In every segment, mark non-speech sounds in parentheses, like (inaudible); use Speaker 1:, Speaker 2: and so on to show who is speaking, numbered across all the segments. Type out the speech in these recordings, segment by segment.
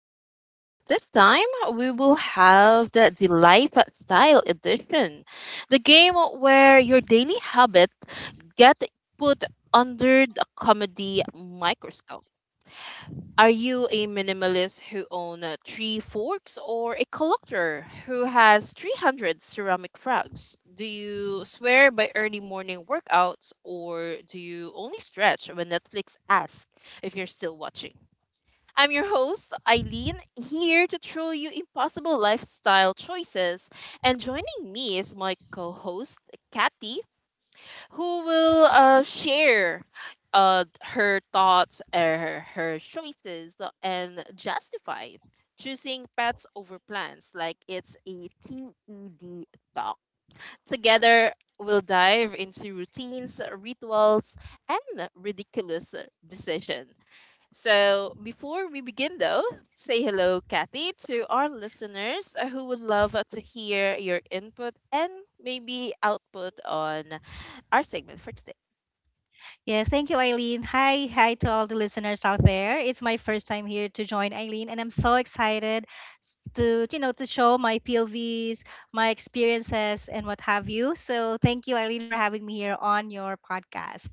Speaker 1: And this time we will have the lifestyle edition, the game where your daily habits get put under the comedy microscope. Are you a minimalist who own three forks or a collector who has 300 ceramic frogs? Do you swear by early morning workouts or do you only stretch when Netflix asks if you're still watching? I'm your host, Eileen, here to throw you impossible lifestyle choices. And joining me is my co host, Kathy, who will share her thoughts, her choices, and justify choosing pets over plants like it's a TED talk. Together, we'll dive into routines, rituals, and ridiculous decision. So, before we begin, though, say hello, Kathy, to our listeners who would love to hear your input and maybe output on our segment for today.
Speaker 2: Yes, thank you, Eileen. Hi, hi to all the listeners out there. It's my first time here to join Eileen, and I'm so excited to you know to show my POVs, my experiences, and what have you. So thank you, Eileen, for having me here on your podcast.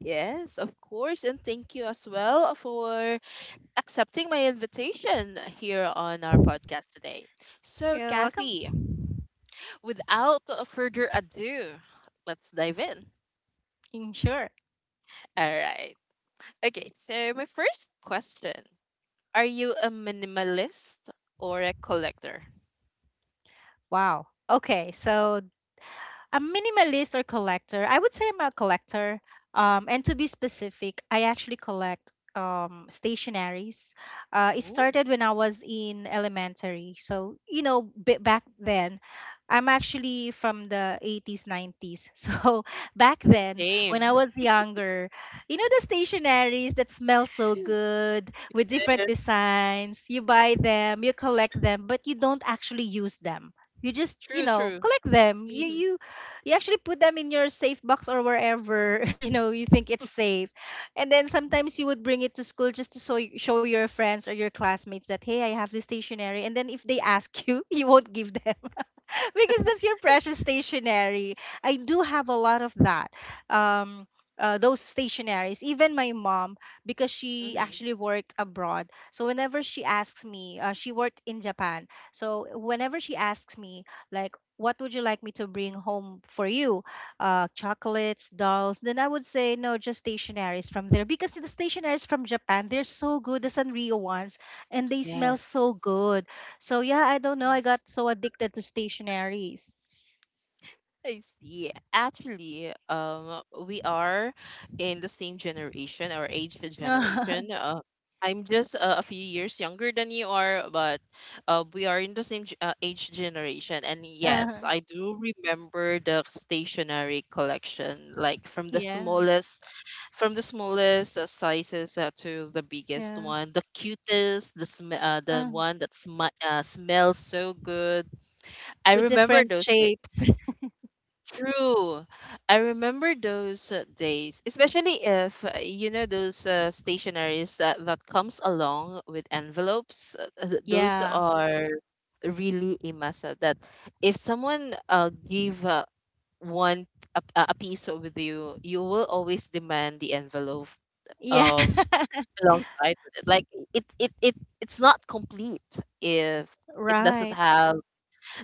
Speaker 1: Yes, of course. And thank you as well for accepting my invitation here on our podcast today. So,
Speaker 2: You're welcome.
Speaker 1: Kathy, without further ado, let's dive in.
Speaker 2: Mm, sure.
Speaker 1: All right. Okay. So, my first question, are you a minimalist or a collector?
Speaker 2: Wow. Okay, so a minimalist or collector. I would say I'm a collector. And to be specific, I actually collect stationaries. It
Speaker 1: Ooh.
Speaker 2: started when I was in elementary. So, back then, I'm actually from the 80s, 90s. (laughs) So, back
Speaker 1: (laughs)
Speaker 2: then, when I
Speaker 1: Same.
Speaker 2: was younger, the stationaries that smell so good with different
Speaker 1: Yes.
Speaker 2: designs, you buy them, you collect them, but you don't actually use them. You just
Speaker 1: True, true.
Speaker 2: collect them. you
Speaker 1: Hmm.
Speaker 2: you you actually put them in your safe box or wherever (laughs) you think it's safe. And then sometimes you would bring it to school just to show your friends or your classmates that, hey, I have this stationery. And then if they ask you (laughs) you won't give them (laughs) because that's your precious stationery. I do have a lot of that. Um, those stationaries. Even my mom, because she
Speaker 1: Hmm.
Speaker 2: actually worked abroad. So whenever she asks me, she worked in Japan. So whenever she asks me, like, what would you like me to bring home for you? Chocolates, dolls. Then I would say no, just stationaries from there because the stationaries from Japan, they're so good. The Sanrio ones, and they smell
Speaker 1: Yes.
Speaker 2: so good. So yeah, I don't know. I got so addicted to stationaries.
Speaker 1: I see. Actually, we are in the same generation, our age generation.
Speaker 2: (laughs)
Speaker 1: I'm just a few years younger than you are, but we are in the same age generation. And
Speaker 2: Uh,
Speaker 1: yes, I do remember the stationery collection, like
Speaker 2: yeah,
Speaker 1: from the smallest sizes to the biggest
Speaker 2: yeah.
Speaker 1: one, the cutest, the
Speaker 2: Uh,
Speaker 1: one that smells so good. I
Speaker 2: with
Speaker 1: remember
Speaker 2: different
Speaker 1: those.
Speaker 2: shapes. (laughs)
Speaker 1: True. I remember those days, especially if those stationaries that comes along with envelopes. Those
Speaker 2: Yeah,
Speaker 1: are really a massive that if someone give one a piece with you, you will always demand the envelope
Speaker 2: yeah.
Speaker 1: um
Speaker 2: (laughs)
Speaker 1: alongside with it. Like it it it it's not complete if it doesn't
Speaker 2: Right.
Speaker 1: have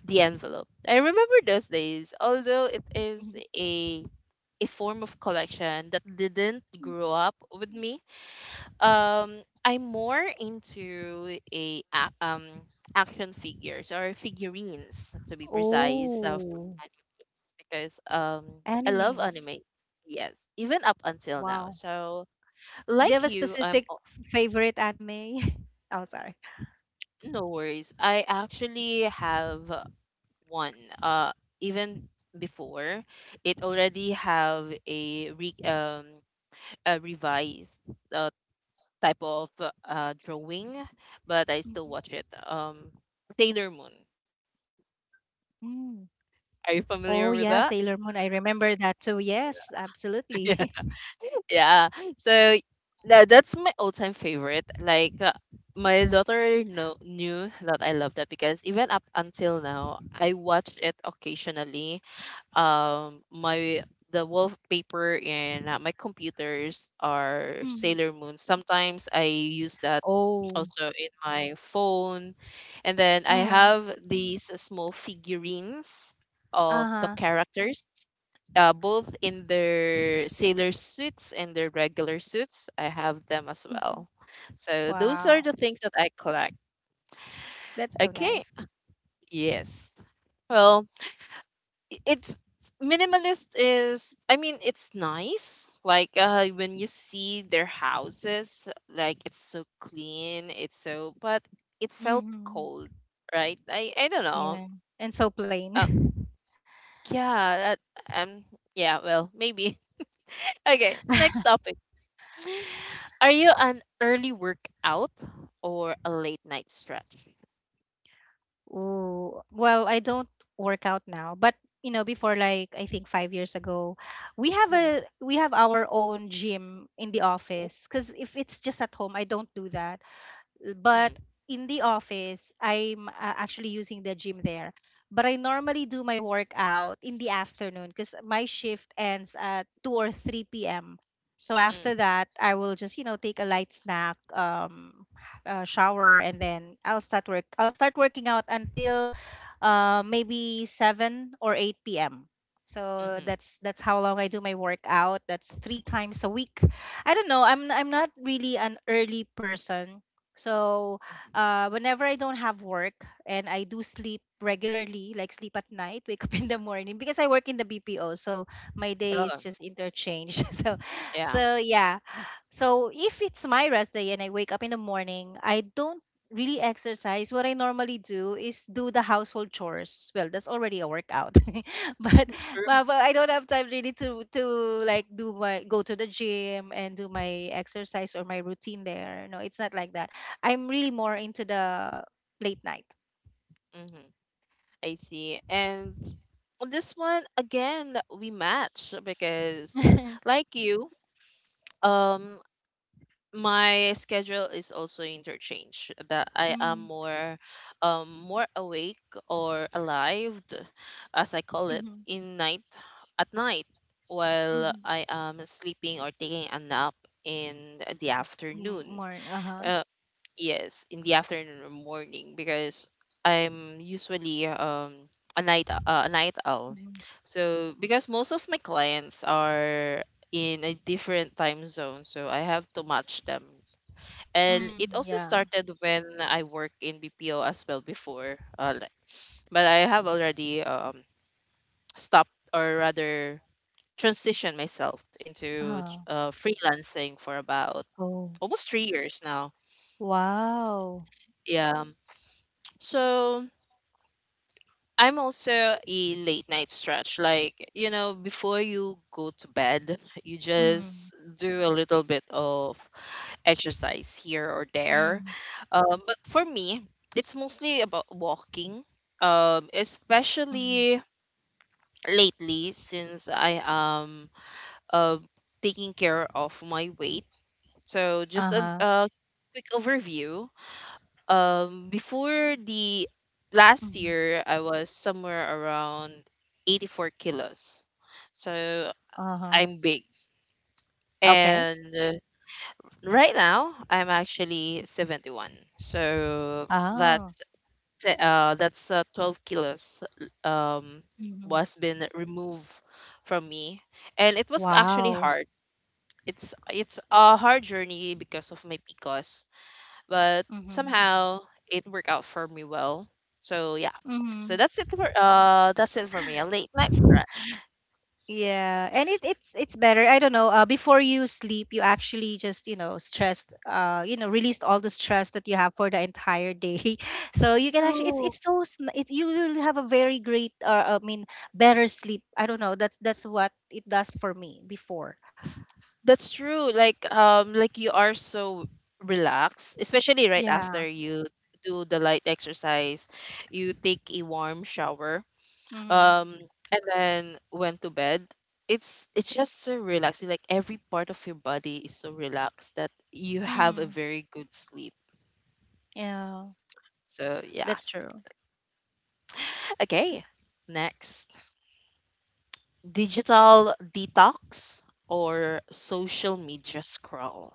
Speaker 1: the envelope. I remember those days, although it is
Speaker 2: Mhm.
Speaker 1: a a form of collection that didn't grow up with me. I'm more into action figures or figurines to be precise of
Speaker 2: Oh,
Speaker 1: animes because I love
Speaker 2: animes.
Speaker 1: animes. Yes, even up until now.
Speaker 2: Wow.
Speaker 1: So
Speaker 2: Do you have
Speaker 1: like
Speaker 2: a
Speaker 1: you,
Speaker 2: specific favorite anime? (laughs) Oh, sorry.
Speaker 1: no worries. I actually have one, uh even before it already have a revised uh, type of drawing, but I still
Speaker 2: Mhm.
Speaker 1: watch it. Sailor Moon,
Speaker 2: Mm.
Speaker 1: are you
Speaker 2: Oh,
Speaker 1: familiar
Speaker 2: yeah,
Speaker 1: with
Speaker 2: Sailor
Speaker 1: that?
Speaker 2: Moon. I remember that too. Yes, absolutely.
Speaker 1: (laughs) Yeah. Yeah. So that's my all-time favorite. Like, my daughter knew that I love that because even up until now I watch it occasionally. My the wallpaper and my computers
Speaker 2: (laughs)
Speaker 1: are
Speaker 2: Mm.
Speaker 1: Sailor Moon. Sometimes I use that
Speaker 2: Oh,
Speaker 1: also in my phone. And then I
Speaker 2: uh,
Speaker 1: have these small figurines of the
Speaker 2: uh-huh.
Speaker 1: characters, both in their sailor suits and their regular suits. I have them as well.
Speaker 2: Mhm.
Speaker 1: So those are
Speaker 2: Wow.
Speaker 1: the things that I collect.
Speaker 2: That's so
Speaker 1: Okay.
Speaker 2: nice.
Speaker 1: Yes. Well, I- it's minimalist is, I mean, it's nice. Like when you see their houses, like it's so clean, it's so, but it felt cold,
Speaker 2: Mm-hmm.
Speaker 1: right? I don't know.
Speaker 2: Yeah. And so
Speaker 1: uh,
Speaker 2: plain. (laughs)
Speaker 1: yeah. uh, um yeah, well, maybe. (laughs) Okay, next topic. (sighs) Are you an early workout or a late night stretch?
Speaker 2: Ooh. Well, I don't work out now, but before, like, I think 5 years ago, we have
Speaker 1: Mm.
Speaker 2: a we have our own gym in the
Speaker 1: Mm.
Speaker 2: office. Cause if it's just at home, I don't do that. But
Speaker 1: Mm.
Speaker 2: in the office, I'm actually using the gym there. But I normally do my workout in the afternoon because my shift ends at 2 or 3 p.m. So
Speaker 1: Mm.
Speaker 2: after that, I will just take a light snack, shower, and then I'll start working out until maybe 7 or 8 p.m. So
Speaker 1: Hmm.
Speaker 2: that's how long I do my workout. That's three times a week. I don't know. I'm not really an early person. So
Speaker 1: Hmm.
Speaker 2: whenever I don't have work and I do sleep regularly, like sleep at night, (laughs) wake up in the morning because I work in the BPO. So my day is
Speaker 1: Oh.
Speaker 2: just interchanged. (laughs) so
Speaker 1: Yeah.
Speaker 2: so yeah. So if it's my rest day and I wake up in the morning, I don't really exercise. What I normally do is do the household chores. Well, that's already a workout. (laughs) but,
Speaker 1: True.
Speaker 2: but I don't have time really to like do my go to the gym and do my exercise or my routine there. No, it's not like that. I'm really more into the late night.
Speaker 1: Hmm. I see. And on this one, again, we match
Speaker 2: (laughs)
Speaker 1: because,
Speaker 2: Mm-hmm,
Speaker 1: like you, um, my schedule is also interchange. That I am
Speaker 2: mm-hmm,
Speaker 1: more, more awake or alive, as I call it, in night at night, while
Speaker 2: mm-hmm.
Speaker 1: I am sleeping or taking a nap in the afternoon.
Speaker 2: More, uh-huh.
Speaker 1: Uh, Yes, in the afternoon or morning because I'm usually a night owl.
Speaker 2: Mhm.
Speaker 1: So because most of my clients are in a different time zone, so I have to match them. And it
Speaker 2: Mm,
Speaker 1: also
Speaker 2: yeah.
Speaker 1: started when I work in BPO as well before, but I have already stopped or rather transitioned myself into
Speaker 2: Uh,
Speaker 1: freelancing for about
Speaker 2: oh,
Speaker 1: almost 3 years now.
Speaker 2: wow.
Speaker 1: Yeah. So I'm also a late night stretch. Like, before you go to bed, you
Speaker 2: Mm.
Speaker 1: just do a little bit of exercise here or there.
Speaker 2: Mm,
Speaker 1: But for me, it's mostly about walking,
Speaker 2: mhm,
Speaker 1: especially lately since I am uh, taking care of my weight. So, just a,
Speaker 2: uh-huh.
Speaker 1: a quick overview. Before the last
Speaker 2: Mhm,
Speaker 1: year, I was somewhere around 84 kilos. So
Speaker 2: uh-huh.
Speaker 1: I'm big.
Speaker 2: Okay.
Speaker 1: And right now I'm actually 71. So that's
Speaker 2: Oh.
Speaker 1: that's 12 kilos um
Speaker 2: Mhm.
Speaker 1: was been removed from me, and it was actually
Speaker 2: Wow.
Speaker 1: hard. It's a hard journey because of my PCOS, but
Speaker 2: Mhm,
Speaker 1: somehow it worked out for me well. So yeah,
Speaker 2: mhm.
Speaker 1: that's it for me. A late night scratch.
Speaker 2: Yeah, and it's better. I don't know. Before you sleep, you actually just, stressed, released all the stress that you have for the entire day. (laughs) So you can actually, it's
Speaker 1: True.
Speaker 2: it's so, you will have a very great, I mean, better sleep. I don't know. That's what it does for me before.
Speaker 1: S- That's true. Like, like you are so relaxed, especially right
Speaker 2: Yeah,
Speaker 1: after you do the light exercise, you take a warm shower.
Speaker 2: mhm,
Speaker 1: Um and then went to bed. It's just so relaxing. Like every part of your body is so relaxed that you have a
Speaker 2: mhm,
Speaker 1: very good sleep.
Speaker 2: yeah,
Speaker 1: So yeah.
Speaker 2: that's true.
Speaker 1: Okay, next. Digital detox or social media scroll?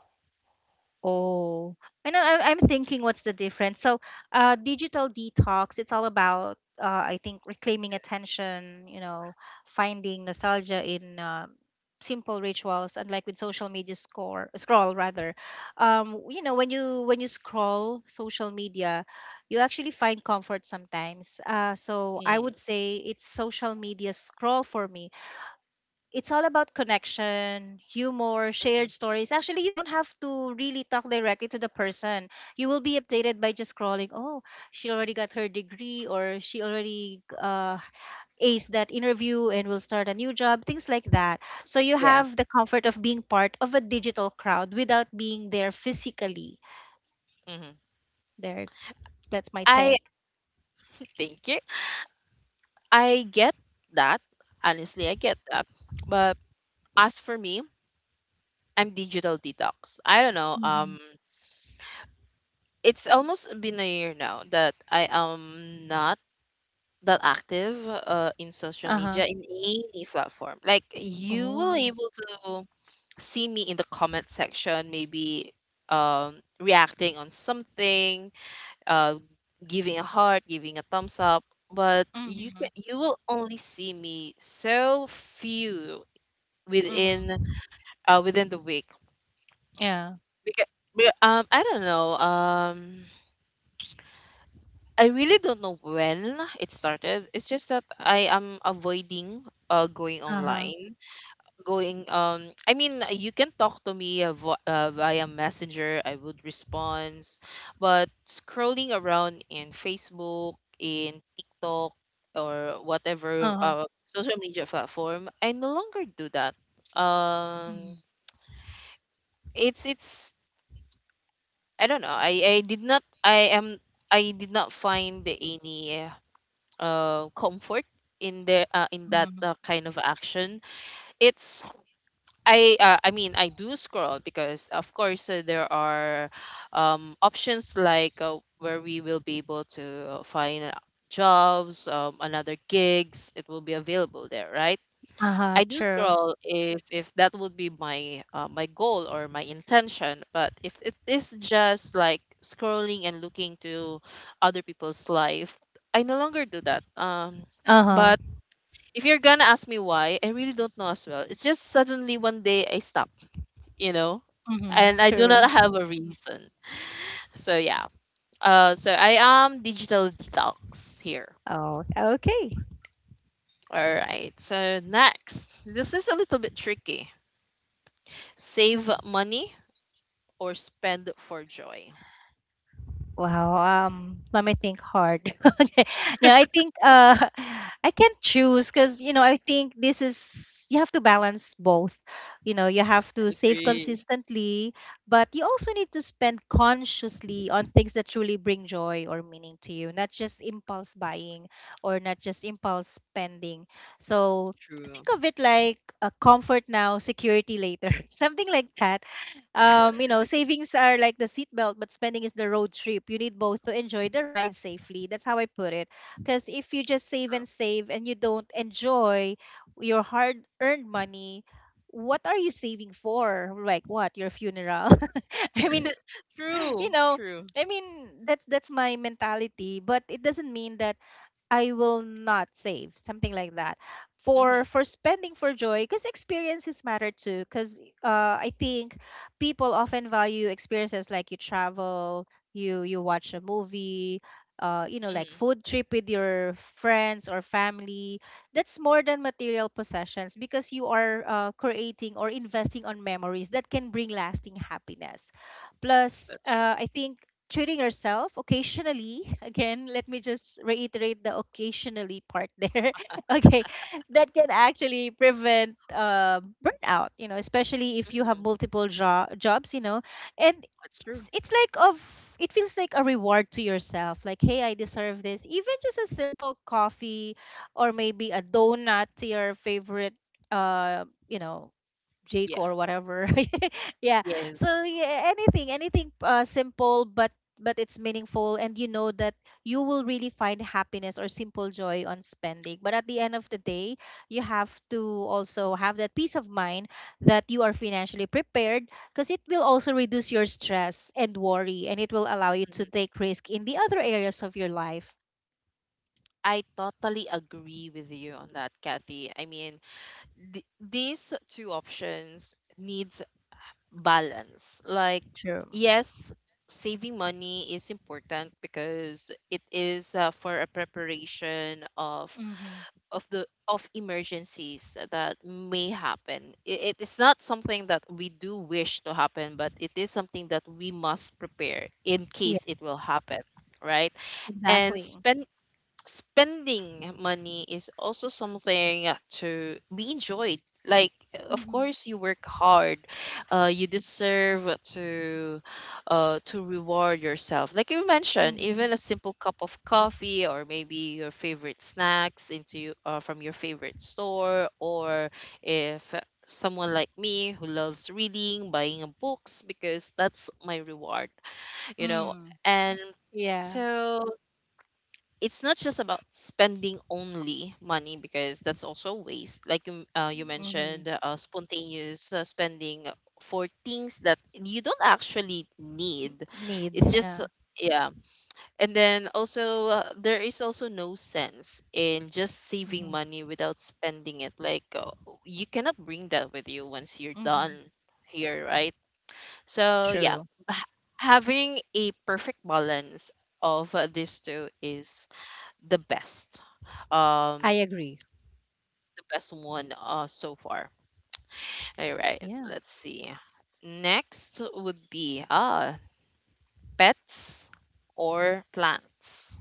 Speaker 2: Oh, I know. I'm thinking, what's the difference? So, digital detox, it's all about, I think, reclaiming attention, you know, finding nostalgia in simple rituals, unlike with social media scroll rather. When you scroll social media, you actually find comfort sometimes. So I
Speaker 1: Mm.
Speaker 2: would say it's social media scroll for me. It's all about connection, humor,
Speaker 1: Mhm.
Speaker 2: shared stories. Actually, you don't have to really talk directly to the person. You will be updated by just scrolling. Oh, she already got her degree, or she already aced that interview and will start a new job, things like that. So you
Speaker 1: Yeah.
Speaker 2: have the comfort of being part of a digital crowd without being there physically.
Speaker 1: Hmm.
Speaker 2: There, that's my
Speaker 1: I
Speaker 2: take.
Speaker 1: (laughs) Thank you. I get that. Honestly, I get that. But as for me, I'm digital detox. I don't know.
Speaker 2: Mm-hmm.
Speaker 1: It's almost been a year now that I am not that active in social
Speaker 2: Uh huh.
Speaker 1: media in any platform. Like you
Speaker 2: Oh.
Speaker 1: will able to see me in the comment section, maybe reacting on something, uh, giving a heart, giving a thumbs up. But
Speaker 2: Mm-hmm.
Speaker 1: you will only see me so few within
Speaker 2: Mm-hmm.
Speaker 1: within the week
Speaker 2: Yeah.
Speaker 1: because I don't know. I really don't know when it started. It's just that I am avoiding going
Speaker 2: Uh huh.
Speaker 1: online. Going I mean, you can talk to me via messenger, I would respond. But scrolling around in Facebook, in TikTok, or whatever
Speaker 2: Uh huh.
Speaker 1: social media platform, I no longer do that. um It's, I don't know, I did not find any comfort in the in that
Speaker 2: Mm-hmm.
Speaker 1: kind of action. It's I mean I do scroll because of course there are options like where we will be able to find jobs, another gigs. It will be available there, right?
Speaker 2: Uh huh.
Speaker 1: I do
Speaker 2: True.
Speaker 1: scroll if that would be my goal or my intention. But if it is just like scrolling and looking to other people's life, I no longer do that.
Speaker 2: Uh-huh.
Speaker 1: But if you're gonna ask me why, I really don't know as well. It's just suddenly one day I stop, you know,
Speaker 2: Mm-hmm.
Speaker 1: and I do
Speaker 2: True.
Speaker 1: not have a reason. So yeah. So I am digital detox here.
Speaker 2: Oh, okay.
Speaker 1: All right. So next, this is a little bit tricky. Save money or spend for joy?
Speaker 2: Wow. Let me think hard. (laughs) Okay. Now I think (laughs) I can't choose because, I think, this is you have to balance both. You know, you have to save
Speaker 1: Agree.
Speaker 2: consistently, but you also need to spend consciously on things that truly bring joy or meaning to you, not just impulse buying or not just impulse spending. So think
Speaker 1: True.
Speaker 2: of it like a comfort now, security later. (laughs) Something like that. Savings are like the seatbelt, but spending is the road trip. You need both to enjoy the ride safely. That's how I put it. Because if you just save
Speaker 1: True.
Speaker 2: and save and you don't enjoy your hard earned money, what are you saving for? Like what? Your funeral? (laughs) I mean, you
Speaker 1: True.
Speaker 2: know,
Speaker 1: True.
Speaker 2: I mean, that's my mentality. But it doesn't mean that I will not save, something like that.
Speaker 1: Hmm.
Speaker 2: For spending for joy, because experiences matter too. Because I think people often value experiences, like you travel, you watch a movie, like
Speaker 1: Hmm.
Speaker 2: food trip with your friends or family. That's more than material possessions because you are creating or investing on memories that can bring lasting happiness. Plus,
Speaker 1: That's true.
Speaker 2: I think treating yourself occasionally, (laughs) again let me just reiterate the occasionally part there, (laughs) okay, that can actually prevent burnout, especially if you have
Speaker 1: Hmm.
Speaker 2: multiple jobs, and
Speaker 1: That's true.
Speaker 2: it's like of, it feels like a reward to yourself, like, hey, I deserve this, even just a simple coffee or maybe a donut to your favorite, uh you know Jake,
Speaker 1: Yeah.
Speaker 2: or whatever. (laughs) Yeah.
Speaker 1: Yes.
Speaker 2: So yeah, anything simple, but it's meaningful, and you know that you will really find happiness or simple joy on spending. But at the end of the day, you have to also have that peace of mind that you are financially prepared, because it will also reduce your stress and worry, and it will allow you
Speaker 1: Hmm.
Speaker 2: to take risk in the other areas of your life.
Speaker 1: I totally agree with you on that, Kathy. I mean, these two options needs balance. Like,
Speaker 2: True.
Speaker 1: yes, saving money is important because it is for a preparation
Speaker 2: Mm-hmm.
Speaker 1: of the of emergencies that may happen. It is not something that we do wish to happen, but it is something that we must prepare in
Speaker 2: Yeah,
Speaker 1: case it will happen, right? And
Speaker 2: exactly.
Speaker 1: spending money is also something to be enjoyed. Like, of
Speaker 2: Mm-hmm.
Speaker 1: course, you work hard. You deserve to reward yourself. Like you mentioned, even a
Speaker 2: Mm-hmm.
Speaker 1: simple cup of coffee or maybe your favorite snacks into from your favorite store, or if someone like me who loves reading, buying a books because that's my reward. You know,
Speaker 2: Mm.
Speaker 1: and
Speaker 2: Yeah.
Speaker 1: so it's not just about spending only money because that's also waste. Like you
Speaker 2: Mm-hmm.
Speaker 1: mentioned, spontaneous spending for things that you don't actually need.
Speaker 2: Need.
Speaker 1: It's just,
Speaker 2: Yeah.
Speaker 1: yeah. And then also, there is also no sense in just saving
Speaker 2: Mm-hmm.
Speaker 1: money without spending it. Like, you cannot bring that with you once you're done
Speaker 2: Mm-hmm.
Speaker 1: here, right? So, yeah,
Speaker 2: True.
Speaker 1: h- having a perfect balance of these two is the best. um
Speaker 2: I agree.
Speaker 1: the best one so far. All right,
Speaker 2: Yeah.
Speaker 1: let's see, next would be pets or plants?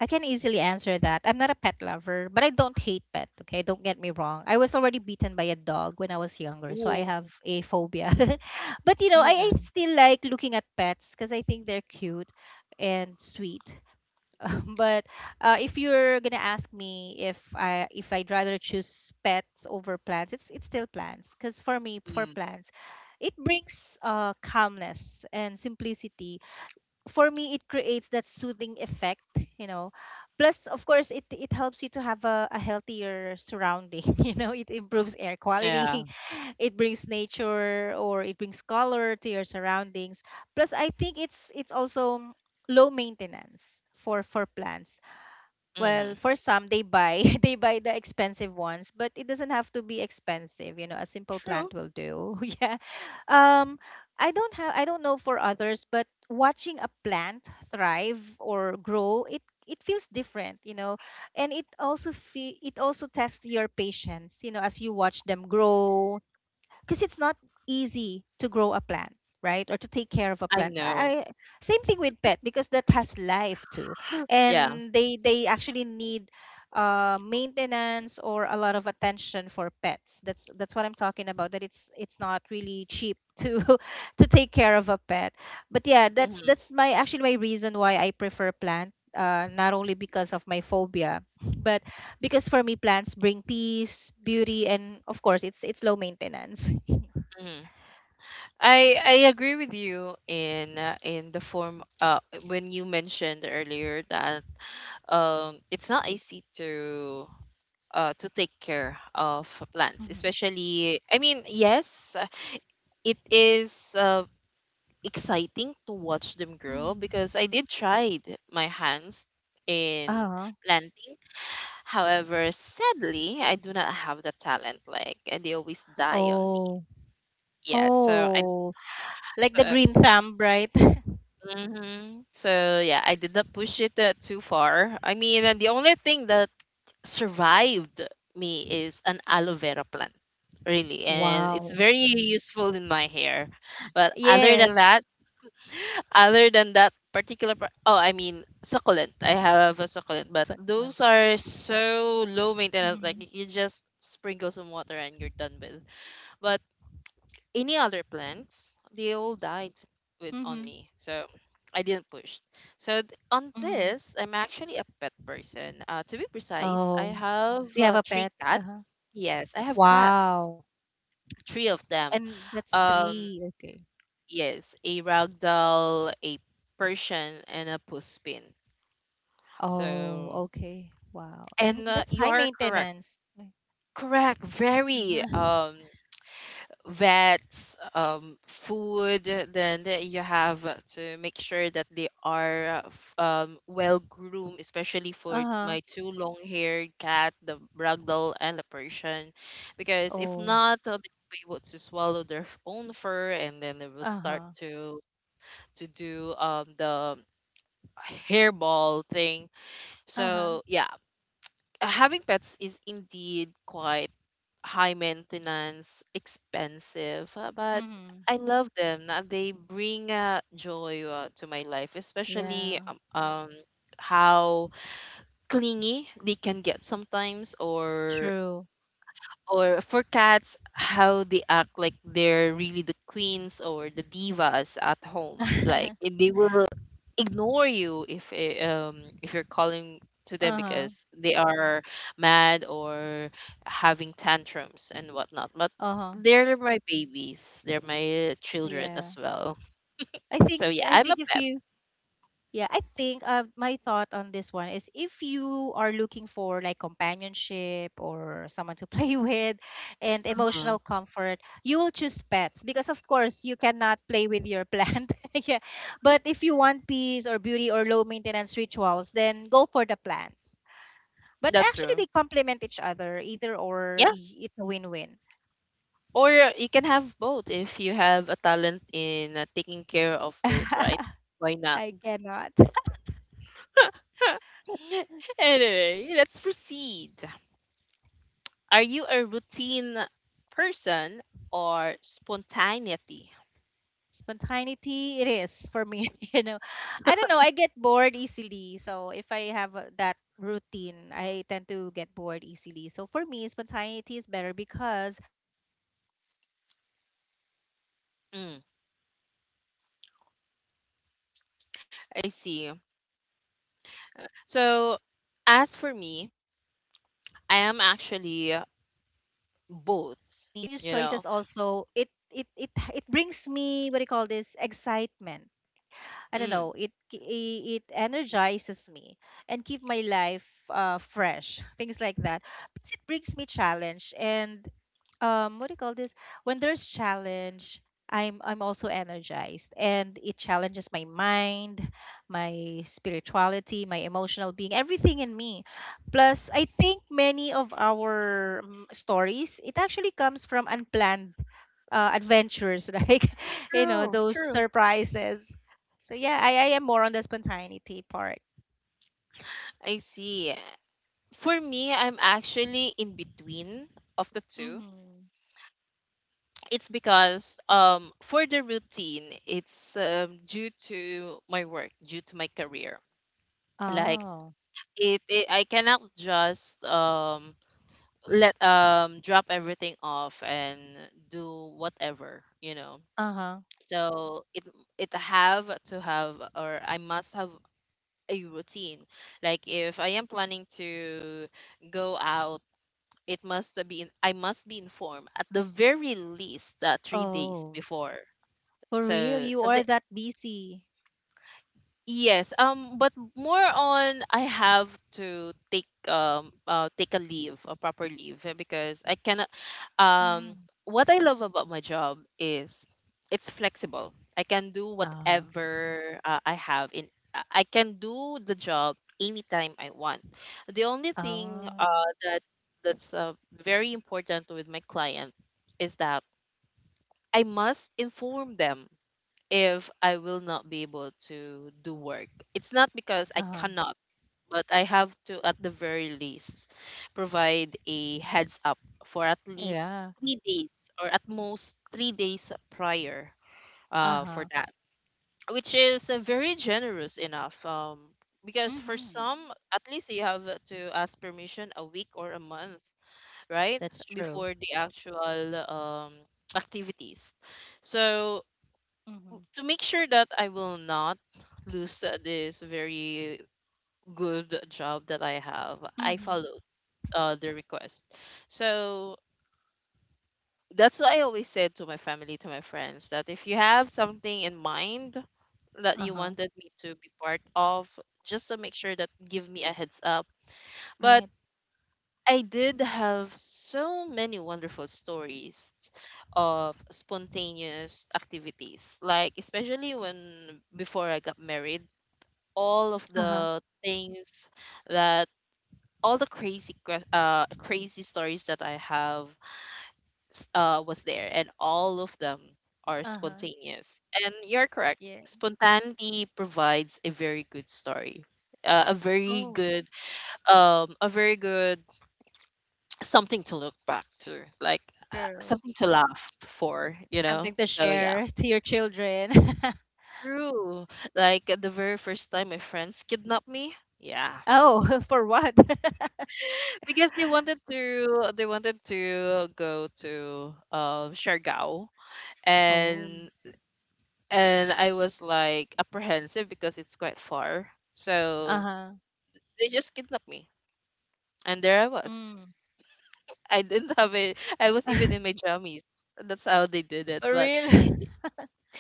Speaker 2: I can easily answer that. I'm not a pet lover, but I don't hate pet. Okay. Don't get me wrong. I was already beaten by a dog when I was younger. So I
Speaker 1: Ooh.
Speaker 2: have a phobia. (laughs) But I
Speaker 1: Mm-mm.
Speaker 2: still like looking at pets because I think they're cute and sweet. But if you're gonna ask me if I if I'd rather choose pets over plants, it's still plants. Because for me, for
Speaker 1: Mm.
Speaker 2: plants, it brings calmness and simplicity. For me, it creates that soothing effect, you know. Plus, of course, it helps you to have a healthier surrounding. (laughs) You know, it improves air quality.
Speaker 1: Yeah.
Speaker 2: (laughs) It brings nature, or it brings color to your surroundings. Plus, I think it's also low maintenance for plants.
Speaker 1: Mm-hmm.
Speaker 2: Well, for some, they buy (laughs) they buy the expensive ones, but it doesn't have to be expensive. You know, a simple
Speaker 1: True.
Speaker 2: plant will do. (laughs) Yeah. Um, I don't know for others, but watching a plant thrive or grow, it feels different. You know, and it also tests your patience. You know, as you watch them grow, because it's not easy to grow a plant right, or to take care of a
Speaker 1: I
Speaker 2: plant.
Speaker 1: know.
Speaker 2: I Same thing with pet, because that has life too,
Speaker 1: Yeah.
Speaker 2: and they actually need maintenance, or a lot of attention for pets. That's what I'm talking about, that it's not really cheap to (laughs) to take care of a pet. But yeah, that's
Speaker 1: Mm-hmm.
Speaker 2: that's my actually my reason why I prefer plant, not only because of my phobia, (laughs) but because for me, plants bring peace, beauty, and of course, it's low maintenance. (laughs)
Speaker 1: Mm-hmm. I agree with you in the form when you mentioned earlier that it's not easy to take care of plants,
Speaker 2: Mhm.
Speaker 1: especially, I mean, yes, it is exciting to watch them grow
Speaker 2: Mm.
Speaker 1: because I did tried my hands in
Speaker 2: Uh-huh.
Speaker 1: planting. However, sadly, I do not have the talent. Like, they always die on me.
Speaker 2: Oh.
Speaker 1: Yeah.
Speaker 2: Oh. Like the
Speaker 1: So,
Speaker 2: green thumb, right? (laughs)
Speaker 1: mhm. So, yeah, I did not push it too far. I mean, the only thing that survived me is an aloe vera plant, really, and it's
Speaker 2: Wow.
Speaker 1: very useful in my hair. But
Speaker 2: Yes.
Speaker 1: other than that particular, I mean, succulent. I have a succulent, but
Speaker 2: Second one.
Speaker 1: those are so low maintenance. Like
Speaker 2: Mm-hmm.
Speaker 1: you just sprinkle some water and you're done with. But any other plants, they all died with on
Speaker 2: Mm-hmm.
Speaker 1: me. So I didn't push. So on
Speaker 2: Mm-hmm.
Speaker 1: this, I'm actually a pet person. To be precise, I
Speaker 2: Oh.
Speaker 1: have
Speaker 2: Do you have a
Speaker 1: three
Speaker 2: pet?
Speaker 1: cats.
Speaker 2: Uh-huh.
Speaker 1: Yes, I have cats,
Speaker 2: Wow.
Speaker 1: three of them.
Speaker 2: And that's
Speaker 1: Um,
Speaker 2: three. Okay.
Speaker 1: yes, a ragdoll, a Persian, and a puspin. So,
Speaker 2: Oh, okay. Wow. And
Speaker 1: and
Speaker 2: that's
Speaker 1: you
Speaker 2: high
Speaker 1: are correct.
Speaker 2: maintenance. Like,
Speaker 1: Correct, very.
Speaker 2: yeah. (laughs)
Speaker 1: Vets, food. Then you have to make sure that they are well groomed, especially for
Speaker 2: Uh-huh.
Speaker 1: my two long-haired cat, the Ragdoll and the Persian, because if
Speaker 2: Oh.
Speaker 1: not, they will be able to swallow their own fur, and then they will start
Speaker 2: Uh-huh.
Speaker 1: to do the hairball thing.
Speaker 2: Uh-huh.
Speaker 1: So yeah, having pets is indeed quite high maintenance, expensive, but
Speaker 2: Mm-hmm.
Speaker 1: I love them. They bring joy to my life, especially
Speaker 2: Yeah.
Speaker 1: how clingy they can get sometimes, or
Speaker 2: True.
Speaker 1: or for cats how they act like they're really the queens or the divas at home, like
Speaker 2: (laughs)
Speaker 1: they will ignore you if if you're calling to them
Speaker 2: Uh-huh.
Speaker 1: because they are mad or having tantrums and whatnot, but
Speaker 2: Uh-huh.
Speaker 1: they're my babies, they're my children
Speaker 2: Yeah.
Speaker 1: as well. So yeah,
Speaker 2: I
Speaker 1: I'm a
Speaker 2: think if
Speaker 1: pet.
Speaker 2: you yeah, I think my thought on this one is, if you are looking for like companionship or someone to play (laughs) with and emotional
Speaker 1: Mhm.
Speaker 2: comfort, you will choose pets, because of course you cannot play with your plant. (laughs) Yeah. But if you want peace or beauty or low maintenance rituals, then go for the plants. But
Speaker 1: That's
Speaker 2: actually
Speaker 1: true.
Speaker 2: they complement each other, either or
Speaker 1: Yeah,
Speaker 2: it's a win-win.
Speaker 1: or you can have both if you have a talent in taking care of both, right?
Speaker 2: (laughs)
Speaker 1: Why not?
Speaker 2: I cannot.
Speaker 1: (laughs) Anyway, let's proceed. Are you a routine person or spontaneity?
Speaker 2: Spontaneity, it is for me. (laughs) You know, I don't know. I get bored easily. So if I have that routine, I tend to get bored easily. So for me, spontaneity is better because it actually boosts my creativity. So
Speaker 1: Mm.
Speaker 2: I will break like the usual routine or patterns, and it
Speaker 1: I
Speaker 2: can lead
Speaker 1: see.
Speaker 2: me to new perspective or new
Speaker 1: So,
Speaker 2: ideas.
Speaker 1: as for me,
Speaker 2: So it's not gonna be
Speaker 1: I am
Speaker 2: boring anymore.
Speaker 1: actually
Speaker 2: Plus spontaneity
Speaker 1: both,
Speaker 2: or spontaneous
Speaker 1: you
Speaker 2: choices
Speaker 1: know.
Speaker 2: also it brings me, what do you call this, excitement. I don't
Speaker 1: Mm.
Speaker 2: know, it energizes me and keep my life fresh, things like that. Plus it brings me challenge and, what do you call this, when there's challenge I'm also energized, and it challenges my mind, my spirituality, my emotional being, everything in me. Plus I think many of our stories, it actually comes from unplanned adventures, (laughs) like
Speaker 1: True,
Speaker 2: those
Speaker 1: true.
Speaker 2: surprises. So yeah, I am more on the spontaneity part.
Speaker 1: I see. For me, I'm actually in between of the two.
Speaker 2: Hmm.
Speaker 1: It's because for the routine, it's due to my work, due to my career. Like
Speaker 2: Oh.
Speaker 1: it I cannot just let drop everything off and do whatever.
Speaker 2: Uh-huh.
Speaker 1: So it have to have, or I must have a routine. Like if I am planning to go out, it must be in, I must be informed at the very least, 3 days
Speaker 2: Oh,
Speaker 1: before.
Speaker 2: for real?
Speaker 1: So
Speaker 2: You are
Speaker 1: something.
Speaker 2: that busy?
Speaker 1: Yes, but more on I have to take take a leave, a proper leave, because I cannot. Um, what I love about my job is it's flexible. I can do
Speaker 2: Uh-huh.
Speaker 1: whatever I have in. I can do the job anytime I want. The only thing
Speaker 2: Oh.
Speaker 1: that's very important with my client is that I must inform them if I will not be able to do work. It's not because I
Speaker 2: Uh-huh.
Speaker 1: cannot, but I have to, at the very least, provide a heads up for at least
Speaker 2: Yeah.
Speaker 1: 3 days, or at most 3 days prior, for
Speaker 2: Uh-huh.
Speaker 1: that, which is very generous enough. Because for
Speaker 2: Mm-hmm.
Speaker 1: some, at least you have to ask permission a week or a month, right?
Speaker 2: That's true.
Speaker 1: Before the actual, activities. So
Speaker 2: Mm-hmm.
Speaker 1: to make sure that I will not lose this very good job that I have, I
Speaker 2: Mm-hmm.
Speaker 1: followed the request. So that's what I always said to my family, to my friends, that if you have something in mind that you
Speaker 2: Uh-huh.
Speaker 1: wanted me to be part of, just to make sure that give me a heads up. But
Speaker 2: Right.
Speaker 1: I did have so many wonderful stories of spontaneous activities, like especially when before I got married. All of
Speaker 2: Uh-huh.
Speaker 1: the things that, all the crazy stories that I have was there, and all of them are
Speaker 2: Uh-huh.
Speaker 1: spontaneous. And you're correct.
Speaker 2: Yeah.
Speaker 1: Spontaneity provides a very good story. Uh, a very
Speaker 2: Oh,
Speaker 1: good um a very good something to look back to, like
Speaker 2: true.
Speaker 1: something to laugh for.
Speaker 2: Something to
Speaker 1: So yeah,
Speaker 2: share (laughs) to your children. (laughs)
Speaker 1: true. Like the very first time my friends kidnapped me. Yeah,
Speaker 2: Oh, (laughs) for what? (laughs)
Speaker 1: because they wanted to go to Siargao.
Speaker 2: Oh.
Speaker 1: And and I was like apprehensive because it's quite far. So
Speaker 2: Uh-huh.
Speaker 1: they just kidnapped me, and there I was.
Speaker 2: Mm.
Speaker 1: I didn't have a, I was even in my
Speaker 2: (laughs)
Speaker 1: jammies. That's how they did it.
Speaker 2: For
Speaker 1: But
Speaker 2: real? (laughs)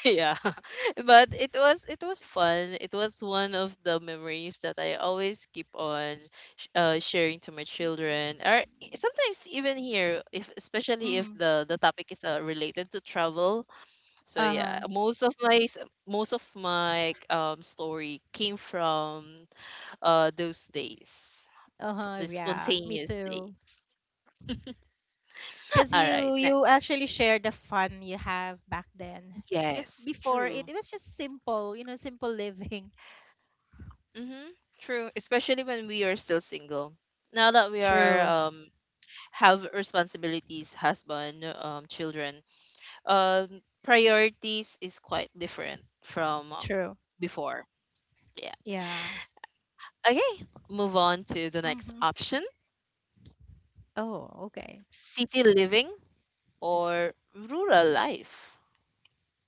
Speaker 1: yeah. (laughs) But it was, it was fun. It was one of the memories that I always keep on sharing to my children. Or sometimes, even here, if, especially if
Speaker 2: Mm-hmm.
Speaker 1: the topic is related to travel. So yeah,
Speaker 2: Uh-huh.
Speaker 1: most of my, story came from those days,
Speaker 2: Uh-huh.
Speaker 1: the
Speaker 2: Yeah. Me
Speaker 1: spontaneous
Speaker 2: too.
Speaker 1: days.
Speaker 2: Because
Speaker 1: (laughs) All right, next.
Speaker 2: you actually share the fun you have back then. Because
Speaker 1: Yes,
Speaker 2: before it,
Speaker 1: true.
Speaker 2: it was just simple, you know, simple living.
Speaker 1: Mm-hmm. True, especially when we are still single. Now that
Speaker 2: (laughs)
Speaker 1: we are,
Speaker 2: True.
Speaker 1: have responsibilities, husband, children, um, priorities is quite different from,
Speaker 2: True.
Speaker 1: before. Yeah.
Speaker 2: Yeah.
Speaker 1: Okay, move on to the next
Speaker 2: Mm-hmm.
Speaker 1: option:
Speaker 2: Oh, okay.
Speaker 1: city living or rural life.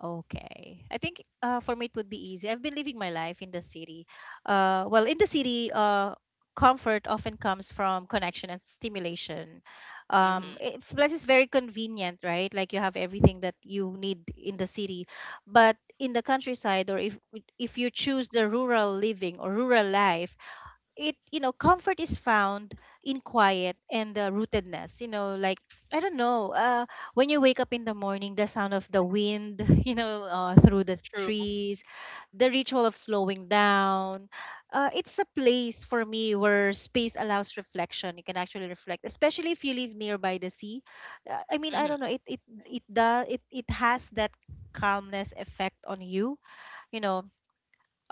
Speaker 2: Okay, I think for me it would be easy. I've been living my life in the city. Well, in the city, comfort often comes from connection and stimulation.
Speaker 1: Mm-hmm.
Speaker 2: It, plus, it's very convenient, right? Like you have everything that you need in the city. But in the countryside, or if you choose the rural living or rural life, it, you know, comfort is found in quiet and, rootedness, you know. Like, I don't know, when you wake up in the morning, the sound of the wind, (laughs) you know, through the
Speaker 1: True.
Speaker 2: trees, the ritual of slowing down. It's a place for me where space allows reflection. You can actually reflect, especially if you live nearby the sea. I mean, I don't
Speaker 1: Mm-hmm.
Speaker 2: know, it it does, it has that calmness effect on you, you know.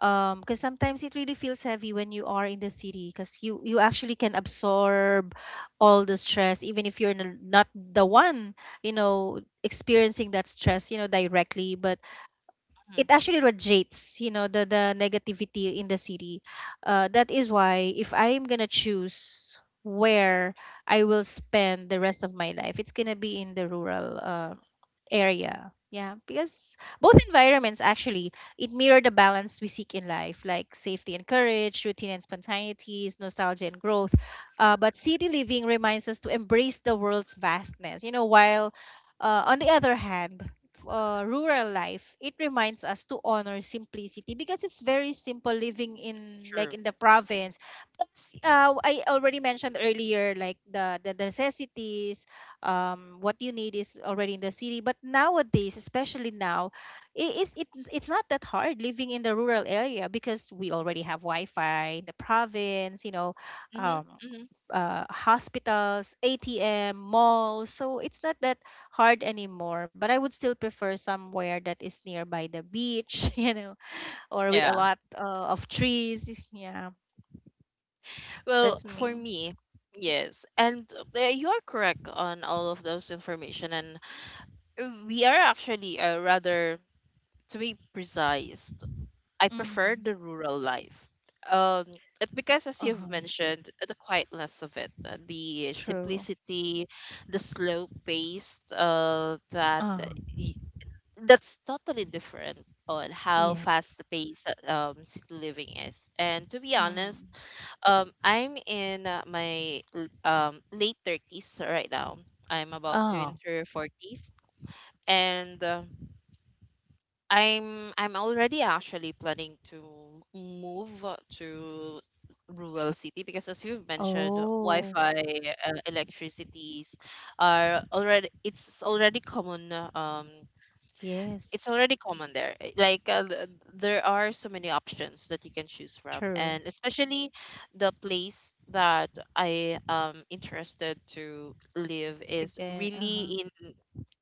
Speaker 2: Because sometimes it really feels heavy when you are in the city, because you actually can absorb all the stress even if you're not the one, you know, experiencing that stress, you know, directly. But
Speaker 1: Hmm.
Speaker 2: it actually radiates, you know, the negativity in the city. That is why if I'm gonna choose where I will spend the rest of my life, it's gonna be in the rural area. Yeah, because both environments actually, it mirror the balance we seek in life, like safety and courage, routine and spontaneities, nostalgia and growth. But city living reminds us to embrace the world's vastness, you know. While, on the other hand, rural life, it reminds us to honor simplicity, because it's very simple living in, like,
Speaker 1: True.
Speaker 2: in the province. Plus, I already mentioned earlier, like, the necessities, what you need is already in the city. But nowadays, especially now, it is it it's not that hard living in the rural area, because we already have Wi-Fi in the province, you know.
Speaker 1: Mm-hmm.
Speaker 2: um,
Speaker 1: Mm-hmm.
Speaker 2: hospitals, ATM, malls. So it's not that hard anymore. But I would still prefer somewhere that is nearby the beach, (laughs) you know, or with a
Speaker 1: Yeah.
Speaker 2: lot of trees. Yeah, that's
Speaker 1: Well, for
Speaker 2: me.
Speaker 1: me, yes, and you're correct on all of those information, and we are actually, rather, to be precise, I prefer
Speaker 2: Mm-hmm.
Speaker 1: the rural life. Um, it because as you've
Speaker 2: Uh-huh.
Speaker 1: mentioned, the quietness of it, the
Speaker 2: True.
Speaker 1: simplicity, the slow pace,
Speaker 2: Uh-huh.
Speaker 1: y- that's totally different on how
Speaker 2: Yes.
Speaker 1: fast the pace city living is. And to be
Speaker 2: Mm-hmm.
Speaker 1: honest, I'm in my late 30s right now. I'm about to
Speaker 2: Oh.
Speaker 1: enter 40s, and I'm already actually planning to move to rural city, because as you've mentioned,
Speaker 2: Oh,
Speaker 1: Wi-Fi, electricities are already common. It's
Speaker 2: yes,
Speaker 1: already common there. Like there are so many options that you can choose from,
Speaker 2: true.
Speaker 1: and especially the place that I am interested to live
Speaker 2: To
Speaker 1: is
Speaker 2: get, uh-huh.
Speaker 1: really in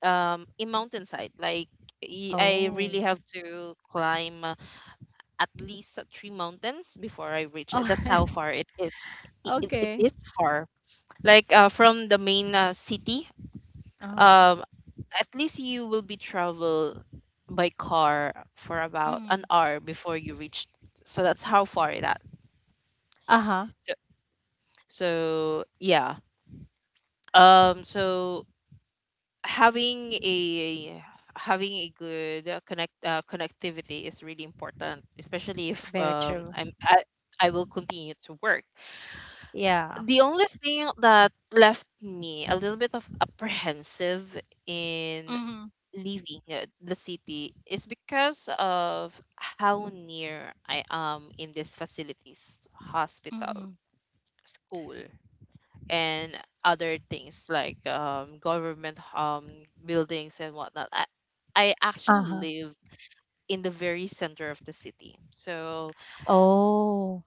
Speaker 1: um in mountainside, like I
Speaker 2: Oh.
Speaker 1: really have to climb, at least, three mountains before I reach
Speaker 2: Oh,
Speaker 1: it. That's how far it is.
Speaker 2: (laughs)
Speaker 1: It
Speaker 2: okay.
Speaker 1: is far, like from the main, city.
Speaker 2: Uh-huh.
Speaker 1: um at least you will be travel by car for about an
Speaker 2: Mm.
Speaker 1: hour before you reach. So that's how far that.
Speaker 2: Uh-huh.
Speaker 1: So, so yeah, so having a, having a good, connectivity is really important, especially if,
Speaker 2: Very true.
Speaker 1: I will continue to work.
Speaker 2: Yeah.
Speaker 1: The only thing that left me a little bit of apprehensive in
Speaker 2: Mm-hmm.
Speaker 1: leaving the city is because of how near I am in these facilities, hospital,
Speaker 2: Mm-hmm.
Speaker 1: school, and other things like, government, buildings and whatnot. I actually
Speaker 2: Uh-huh.
Speaker 1: live in the very center of the city. So
Speaker 2: Oh.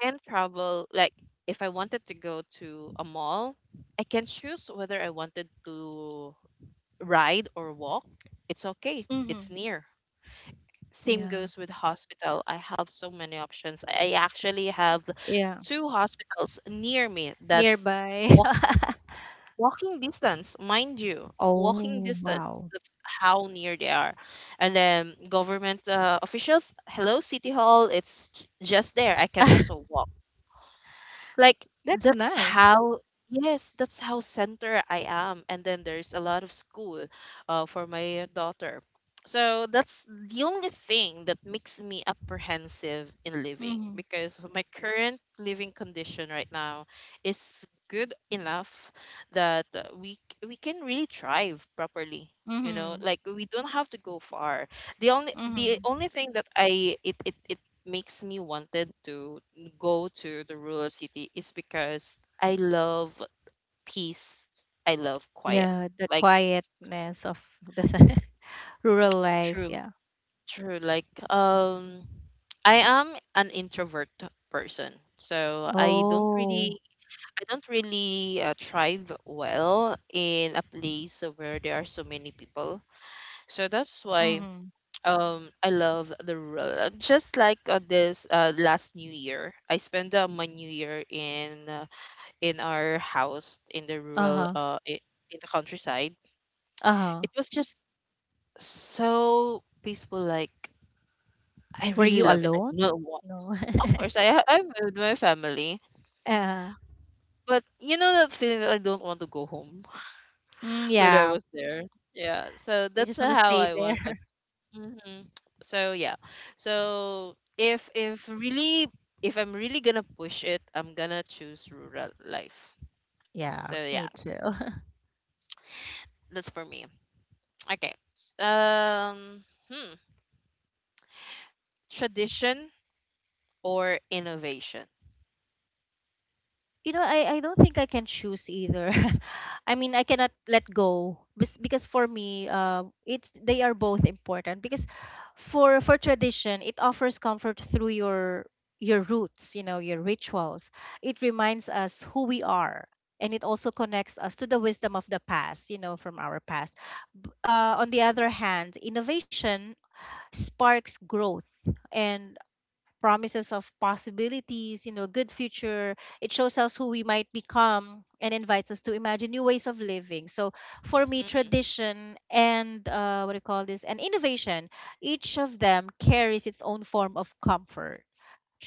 Speaker 1: I can travel, like, if I wanted to go to a mall, I can choose whether I wanted to ride or walk. It's okay, it's
Speaker 2: Mm-hmm.
Speaker 1: near. Same
Speaker 2: Yeah.
Speaker 1: goes with hospital. I have so many options. I actually have
Speaker 2: Yeah.
Speaker 1: two hospitals near me that's
Speaker 2: Nearby. (laughs)
Speaker 1: walking distance, mind you, walking
Speaker 2: Oh,
Speaker 1: distance.
Speaker 2: wow.
Speaker 1: That's how near they are. And then government, officials, hello, City Hall, it's just there. I can
Speaker 2: (laughs)
Speaker 1: also walk, like,
Speaker 2: That's
Speaker 1: that's
Speaker 2: nice.
Speaker 1: how, yes, that's how center I am. And then there's a lot of school, for my daughter. So that's the only thing that makes me apprehensive in living,
Speaker 2: Mm-hmm.
Speaker 1: because my current living condition right now is good enough that, we can really thrive properly,
Speaker 2: Mm-hmm.
Speaker 1: like we don't have to go far. The only, the
Speaker 2: Mm-hmm.
Speaker 1: only thing that it makes me wanted to go to the rural city is because I love peace. I love quiet.
Speaker 2: Yeah, the
Speaker 1: Like,
Speaker 2: quietness of the (laughs) rural life.
Speaker 1: true,
Speaker 2: Yeah.
Speaker 1: true. Like, I am an introvert person, so
Speaker 2: Oh.
Speaker 1: I don't really thrive well in a place where there are so many people. So that's why,
Speaker 2: Mm-hmm.
Speaker 1: I love the rural. Just like, this, last New Year, I spent, my New Year in, our house in the rural
Speaker 2: Uh-huh.
Speaker 1: uh i- in the countryside.
Speaker 2: Uh-huh.
Speaker 1: It was just so peaceful, like I
Speaker 2: Were
Speaker 1: really
Speaker 2: you
Speaker 1: love it. I
Speaker 2: alone?
Speaker 1: do not want.
Speaker 2: No. (laughs)
Speaker 1: Of course, I'm with my family,
Speaker 2: uh,
Speaker 1: but you know that feeling that I don't want to go home.
Speaker 2: mm,
Speaker 1: (laughs) When I
Speaker 2: yeah.
Speaker 1: was there, yeah. So
Speaker 2: You
Speaker 1: that's
Speaker 2: just want to
Speaker 1: how
Speaker 2: stay
Speaker 1: I wanted.
Speaker 2: there. (laughs)
Speaker 1: Hmm. So yeah. So, if I'm really gonna push it, I'm gonna choose rural life.
Speaker 2: Yeah,
Speaker 1: So yeah,
Speaker 2: me too.
Speaker 1: that's for me. Okay, hmm tradition or innovation.
Speaker 2: You know, I don't think I can choose either. (laughs) I mean, I cannot let go. Because for me, it's they are both important, because for tradition, it offers comfort through your roots, you know, your rituals. It reminds us who we are, and it also connects us to the wisdom of the past, you know, from our past. On the other hand, innovation sparks growth and promises of possibilities, you know, good future. It shows us who we might become and invites us to imagine new ways of living. So for me,
Speaker 1: Mm.
Speaker 2: tradition and, what do you call this, and innovation, each of them carries its own form of comfort.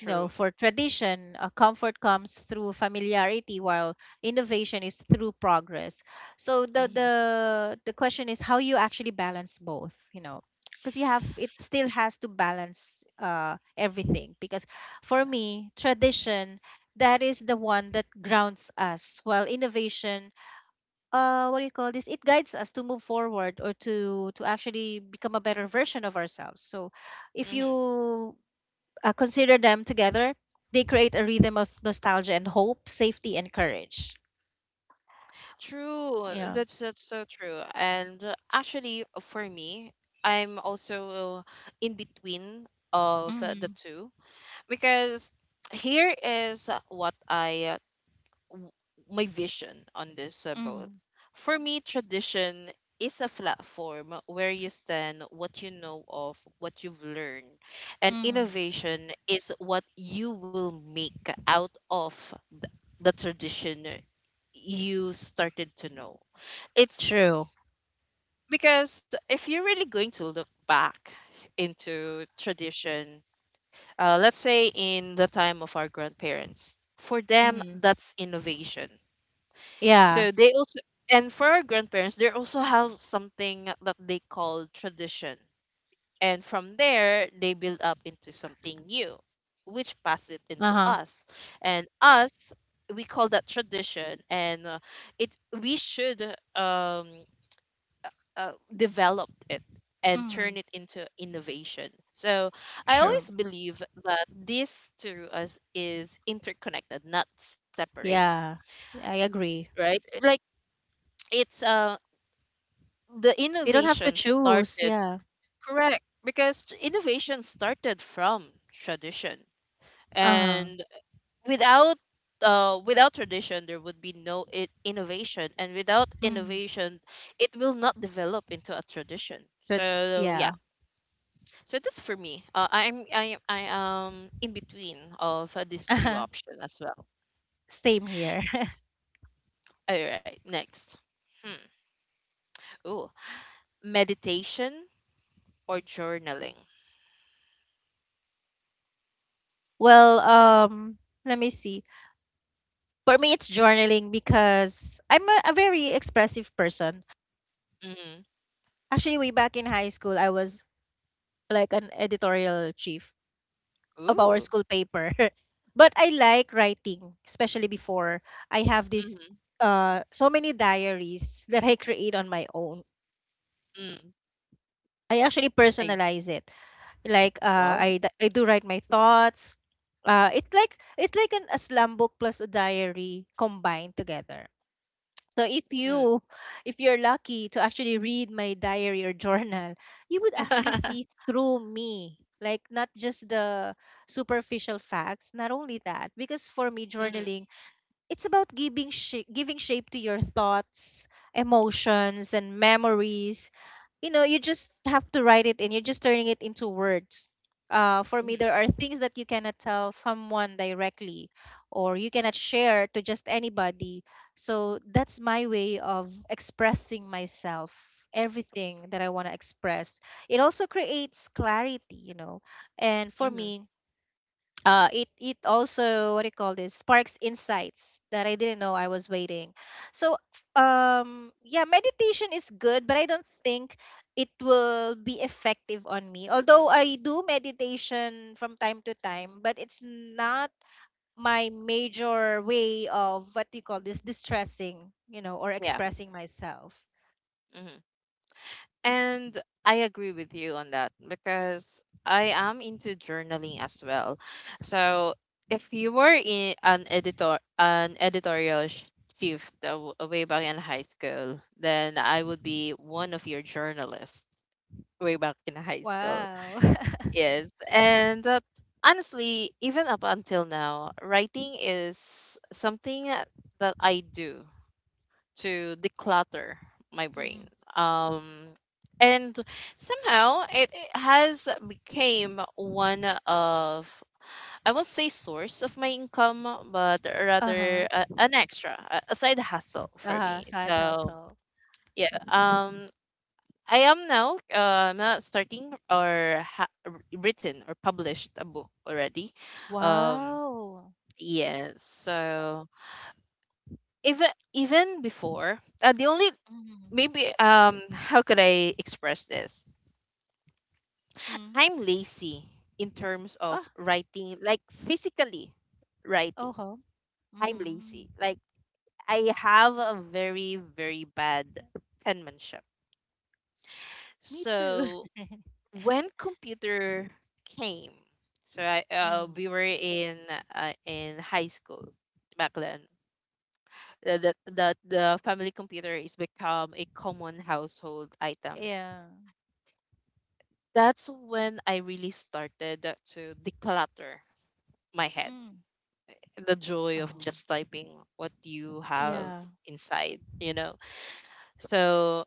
Speaker 2: No, for tradition, comfort comes through familiarity, while innovation is through progress. So
Speaker 1: Hmm,
Speaker 2: the question is how you actually balance both, you know, because you have it still has to balance everything. Because for me, tradition, that is the one that grounds us, while innovation, what do you call this? It guides us to move forward or to actually become a better version of ourselves. So if you
Speaker 1: hmm.
Speaker 2: consider them together, they create a rhythm of nostalgia and hope, safety and courage.
Speaker 1: True.
Speaker 2: Yeah.
Speaker 1: That's so true. And actually, for me, I'm also in between of, the
Speaker 2: Mm-hmm.
Speaker 1: two, because here is, w- my vision on this,
Speaker 2: Mm-hmm.
Speaker 1: both. For me, tradition is a platform where you stand what you know of, what you've learned, and
Speaker 2: Mm-hmm.
Speaker 1: innovation is what you will make out of the tradition you started to know. It's
Speaker 2: True.
Speaker 1: because if you're really going to look back into tradition, let's say in the time of our grandparents, for them,
Speaker 2: Mm-hmm.
Speaker 1: that's innovation.
Speaker 2: Yeah.
Speaker 1: So they also, and for our grandparents, they also have something that they call tradition. And from there, they build up into something new, which pass it into
Speaker 2: Uh huh.
Speaker 1: us. And us, we call that tradition, and it we should um, uh, uh, develop it and
Speaker 2: Mm-hmm.
Speaker 1: turn it into innovation. So I
Speaker 2: True.
Speaker 1: always believe that this to us is interconnected, not separate,
Speaker 2: Yeah. I agree.
Speaker 1: right? Like it's the
Speaker 2: You don't have to
Speaker 1: innovation
Speaker 2: choose.
Speaker 1: started
Speaker 2: Yeah.
Speaker 1: Correct, because innovation started from tradition
Speaker 2: Uh huh.
Speaker 1: and without without tradition there would be no innovation, and without
Speaker 2: Mm-hmm.
Speaker 1: innovation it will not develop into a tradition.
Speaker 2: But
Speaker 1: So yeah
Speaker 2: yeah. (laughs)
Speaker 1: so that's for me. I am in between of these
Speaker 2: Uh
Speaker 1: two
Speaker 2: huh.
Speaker 1: options as well.
Speaker 2: Same here. (laughs)
Speaker 1: All right, next. hmm. Ooh, meditation or journaling?
Speaker 2: Well, let me see. For me, it's journaling because I'm a very expressive person.
Speaker 1: Mm.
Speaker 2: Actually, way back in high school, I was like an editorial chief of our
Speaker 1: ooh
Speaker 2: school paper. (laughs) But I like writing, especially before. I have this
Speaker 1: mm-hmm.
Speaker 2: so many diaries that I create on my own.
Speaker 1: Mm.
Speaker 2: I actually
Speaker 1: I
Speaker 2: personalize it. Like,
Speaker 1: Wow.
Speaker 2: I do write my thoughts. It's like, an a slam book plus a diary combined together. So
Speaker 1: Mm,
Speaker 2: if you're lucky to actually read my diary or journal, you would actually see
Speaker 1: (laughs)
Speaker 2: through me. Like, not just the superficial facts, not only that, because for me
Speaker 1: mhm,
Speaker 2: journaling, it's about giving giving shape to your thoughts, emotions, and memories. You know, you just have to write it in. You're just turning it into words. For me,
Speaker 1: mhm,
Speaker 2: there are things that you cannot tell someone directly, or you cannot share to just anybody. So that's my way of expressing myself, everything that I want to express. It also creates clarity, you know. And for
Speaker 1: Mhm.
Speaker 2: me, it also, what do you call this, sparks insights that I didn't know I was waiting. So yeah, meditation is good, but I don't think it will be effective on me. Although I do meditation from time to time, but it's not my major way of, what do you call this, distressing, you know, or
Speaker 1: Yeah.
Speaker 2: expressing myself.
Speaker 1: Mhm. And I agree with you on that because I am into journaling as well. So if you were in an editorial shift way back in high school, then I would be one of your journalists way back in high school.
Speaker 2: Wow. (laughs)
Speaker 1: Yes. And honestly, even up until now, writing is something that I do to declutter my brain.
Speaker 2: Hmm.
Speaker 1: Um, and somehow it has became one of, I won't say source of my income, but
Speaker 2: Uh huh.
Speaker 1: rather an extra, a side hustle
Speaker 2: Uh
Speaker 1: for
Speaker 2: huh.
Speaker 1: me.
Speaker 2: Side
Speaker 1: So
Speaker 2: hustle.
Speaker 1: yeah. I am now not starting or written or published a book already. Um,
Speaker 2: Wow.
Speaker 1: yes. So even even before the only,
Speaker 2: Mm-hmm.
Speaker 1: maybe, um, how could I express this? I'm lazy in terms of writing, like physically writing.
Speaker 2: Uh-huh.
Speaker 1: I'm
Speaker 2: Mm.
Speaker 1: lazy. Like I have a very, very bad penmanship.
Speaker 2: Me too.
Speaker 1: So
Speaker 2: (laughs)
Speaker 1: when computer came, so I we
Speaker 2: Mm.
Speaker 1: were in high school back then. The family computer is become a common household item.
Speaker 2: Yeah.
Speaker 1: That's when I really started to declutter my head.
Speaker 2: Mm.
Speaker 1: The joy of
Speaker 2: Oh.
Speaker 1: just typing what you have
Speaker 2: Yeah.
Speaker 1: inside, you know. So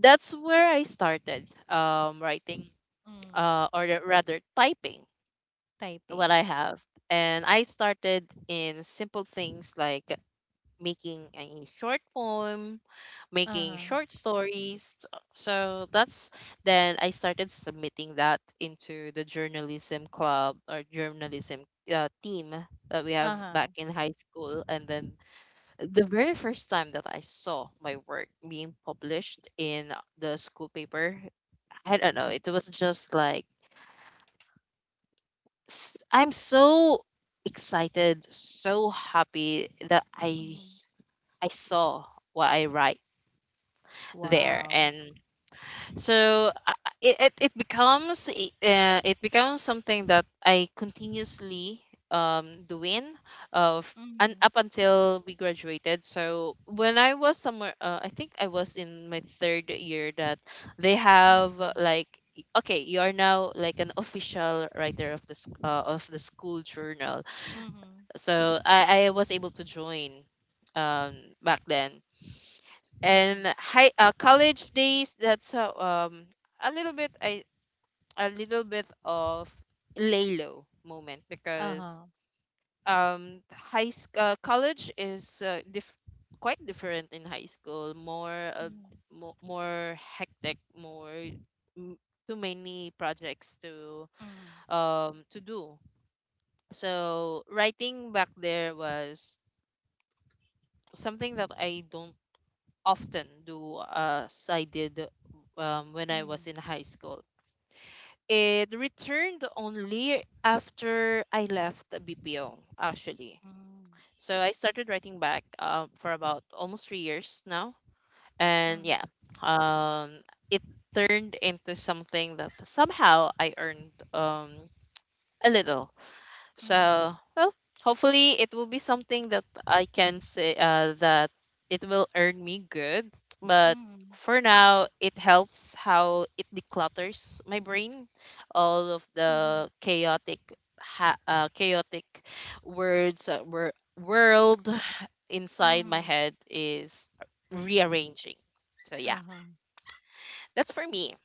Speaker 1: that's where I started writing,
Speaker 2: Mm.
Speaker 1: rather typing what
Speaker 2: Typing.
Speaker 1: I have. And I started in simple things like making a short poem, making
Speaker 2: Uh-huh.
Speaker 1: short stories. So that's, then I started submitting that into the journalism club or journalism team that we have
Speaker 2: Uh-huh.
Speaker 1: back in high school. And then the very first time that I saw my work being published in the school paper, I don't know, it was just like I'm so excited, so happy that I
Speaker 2: Mm.
Speaker 1: I saw what I write there.
Speaker 2: Wow.
Speaker 1: And so it becomes something that I continuously doing of, and
Speaker 2: Mm.
Speaker 1: up until we graduated. So when I was somewhere, I think I was in my third year, that they have
Speaker 2: Mm.
Speaker 1: like, okay, you are now like an official writer of the of the school journal.
Speaker 2: Mm.
Speaker 1: So I was able to join, um, back then.
Speaker 2: Mm.
Speaker 1: And high college days, that's how, um, a little bit, I a little bit of lay low moment because,
Speaker 2: Uh-huh.
Speaker 1: um, college is quite different in high school. More
Speaker 2: Mm,
Speaker 1: more hectic, more m- too many projects
Speaker 2: mm,
Speaker 1: to do. So writing back there was something that I don't often do as I did, when I
Speaker 2: mm,
Speaker 1: was in high school. It returned only after I left the BPO, actually.
Speaker 2: mm,
Speaker 1: So I started writing back for about almost 3 years now. And
Speaker 2: mm,
Speaker 1: yeah, um, it turned into something that somehow I earned, a little.
Speaker 2: mm,
Speaker 1: So, well, hopefully it will be something that I can say that it will earn me good. But
Speaker 2: mm,
Speaker 1: for now, it helps how it declutters my brain, all of
Speaker 2: mm,
Speaker 1: the chaotic, chaotic words, uh, wor- world inside my
Speaker 2: mm.
Speaker 1: head is rearranging. So yeah,
Speaker 2: Uh-huh.
Speaker 1: that's for me.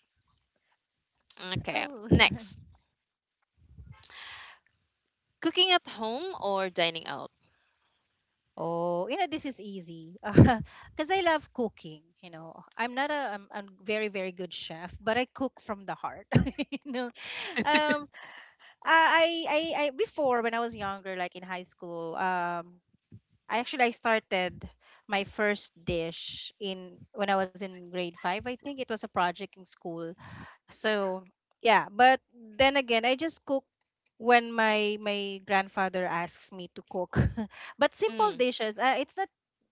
Speaker 1: Okay,
Speaker 2: Oh. (laughs)
Speaker 1: next, cooking at home or dining out?
Speaker 2: Oh, you know, this is easy. (laughs) Because I love cooking, you know. I'm not a I'm very, very good chef, but I cook from the heart. (laughs) You know, um, before when I was younger, like in high school, I actually I started my first dish in when I was in grade five. I think it was a project in school, so yeah. But then again, I just cook when my grandfather asks me to cook. (laughs) But simple
Speaker 1: Mm,
Speaker 2: dishes,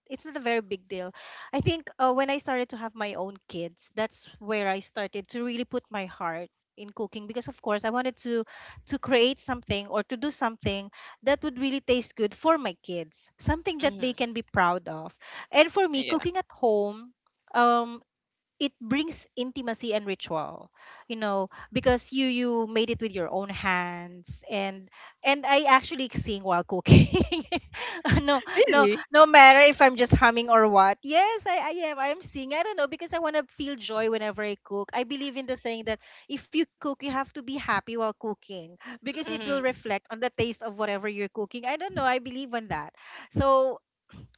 Speaker 2: it's not a very big deal. I think when I started to have my own kids, that's where I started to really put my heart in cooking, because of course I wanted to create something or to do something that would really taste good for my kids, something that they
Speaker 1: mm-hmm,
Speaker 2: can be proud of. And for me,
Speaker 1: yeah.
Speaker 2: cooking at home um it brings intimacy and ritual, you know, because you made it with your own hands. And I actually sing while cooking. (laughs) No, no,
Speaker 1: Really?
Speaker 2: no matter if I'm just humming or what, yes, I'm singing. I don't know, because I want to feel joy whenever I cook. I believe in the saying that if you cook, you have to be happy while cooking, because it
Speaker 1: Hmm.
Speaker 2: will reflect on the taste of whatever you're cooking. I don't know, I believe in that. So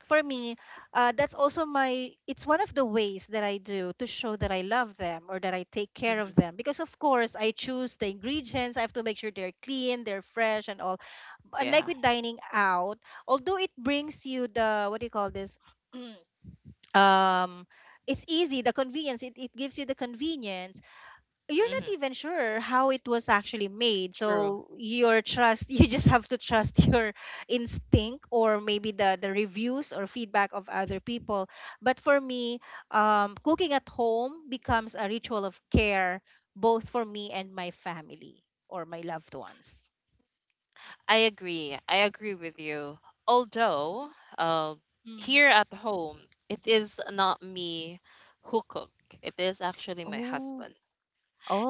Speaker 2: for me, that's also my, it's one of the ways that I do to show that I love them or that I take care of
Speaker 1: Hmm.
Speaker 2: them. Because, of course, I choose the ingredients. I have to make sure they're clean, they're fresh, and all.
Speaker 1: Yeah.
Speaker 2: Unlike with dining out, although it brings you the, what do you call this? (clears throat) um, it's easy, the convenience, it gives you the convenience. You're
Speaker 1: Hmm.
Speaker 2: not even sure how it was actually made,
Speaker 1: True.
Speaker 2: so your trust, (laughs) you just have to trust (laughs) your instinct, or maybe the reviews or feedback of other people. But for me, cooking at home becomes a ritual of care, both for me and my family, or my loved ones.
Speaker 1: I agree. I agree with you. Although, uh,
Speaker 2: Mm.
Speaker 1: here at home, it is not me who cook. It is actually my
Speaker 2: Oh,
Speaker 1: husband.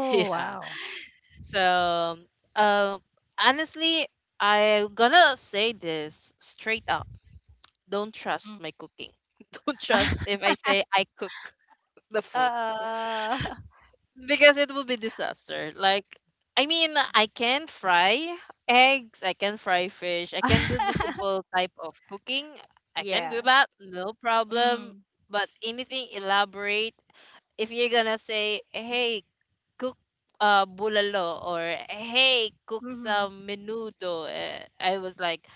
Speaker 1: (laughs) Yeah.
Speaker 2: wow.
Speaker 1: So, um, honestly, I'm gonna say this straight up. Don't trust
Speaker 2: Mm.
Speaker 1: my cooking. (laughs) Don't trust if I say I cook (laughs) the
Speaker 2: (laughs)
Speaker 1: food.
Speaker 2: uh,
Speaker 1: Because it will be disaster. Like, I mean, I can fry eggs, I can fry fish, I can do the
Speaker 2: (laughs)
Speaker 1: simple type of cooking. I can
Speaker 2: yeah.
Speaker 1: do that, no problem.
Speaker 2: Mm-hmm.
Speaker 1: But anything elaborate, if you're gonna say, hey, cook bulalo or hey, cook
Speaker 2: Mm-hmm.
Speaker 1: some menudo, I was like,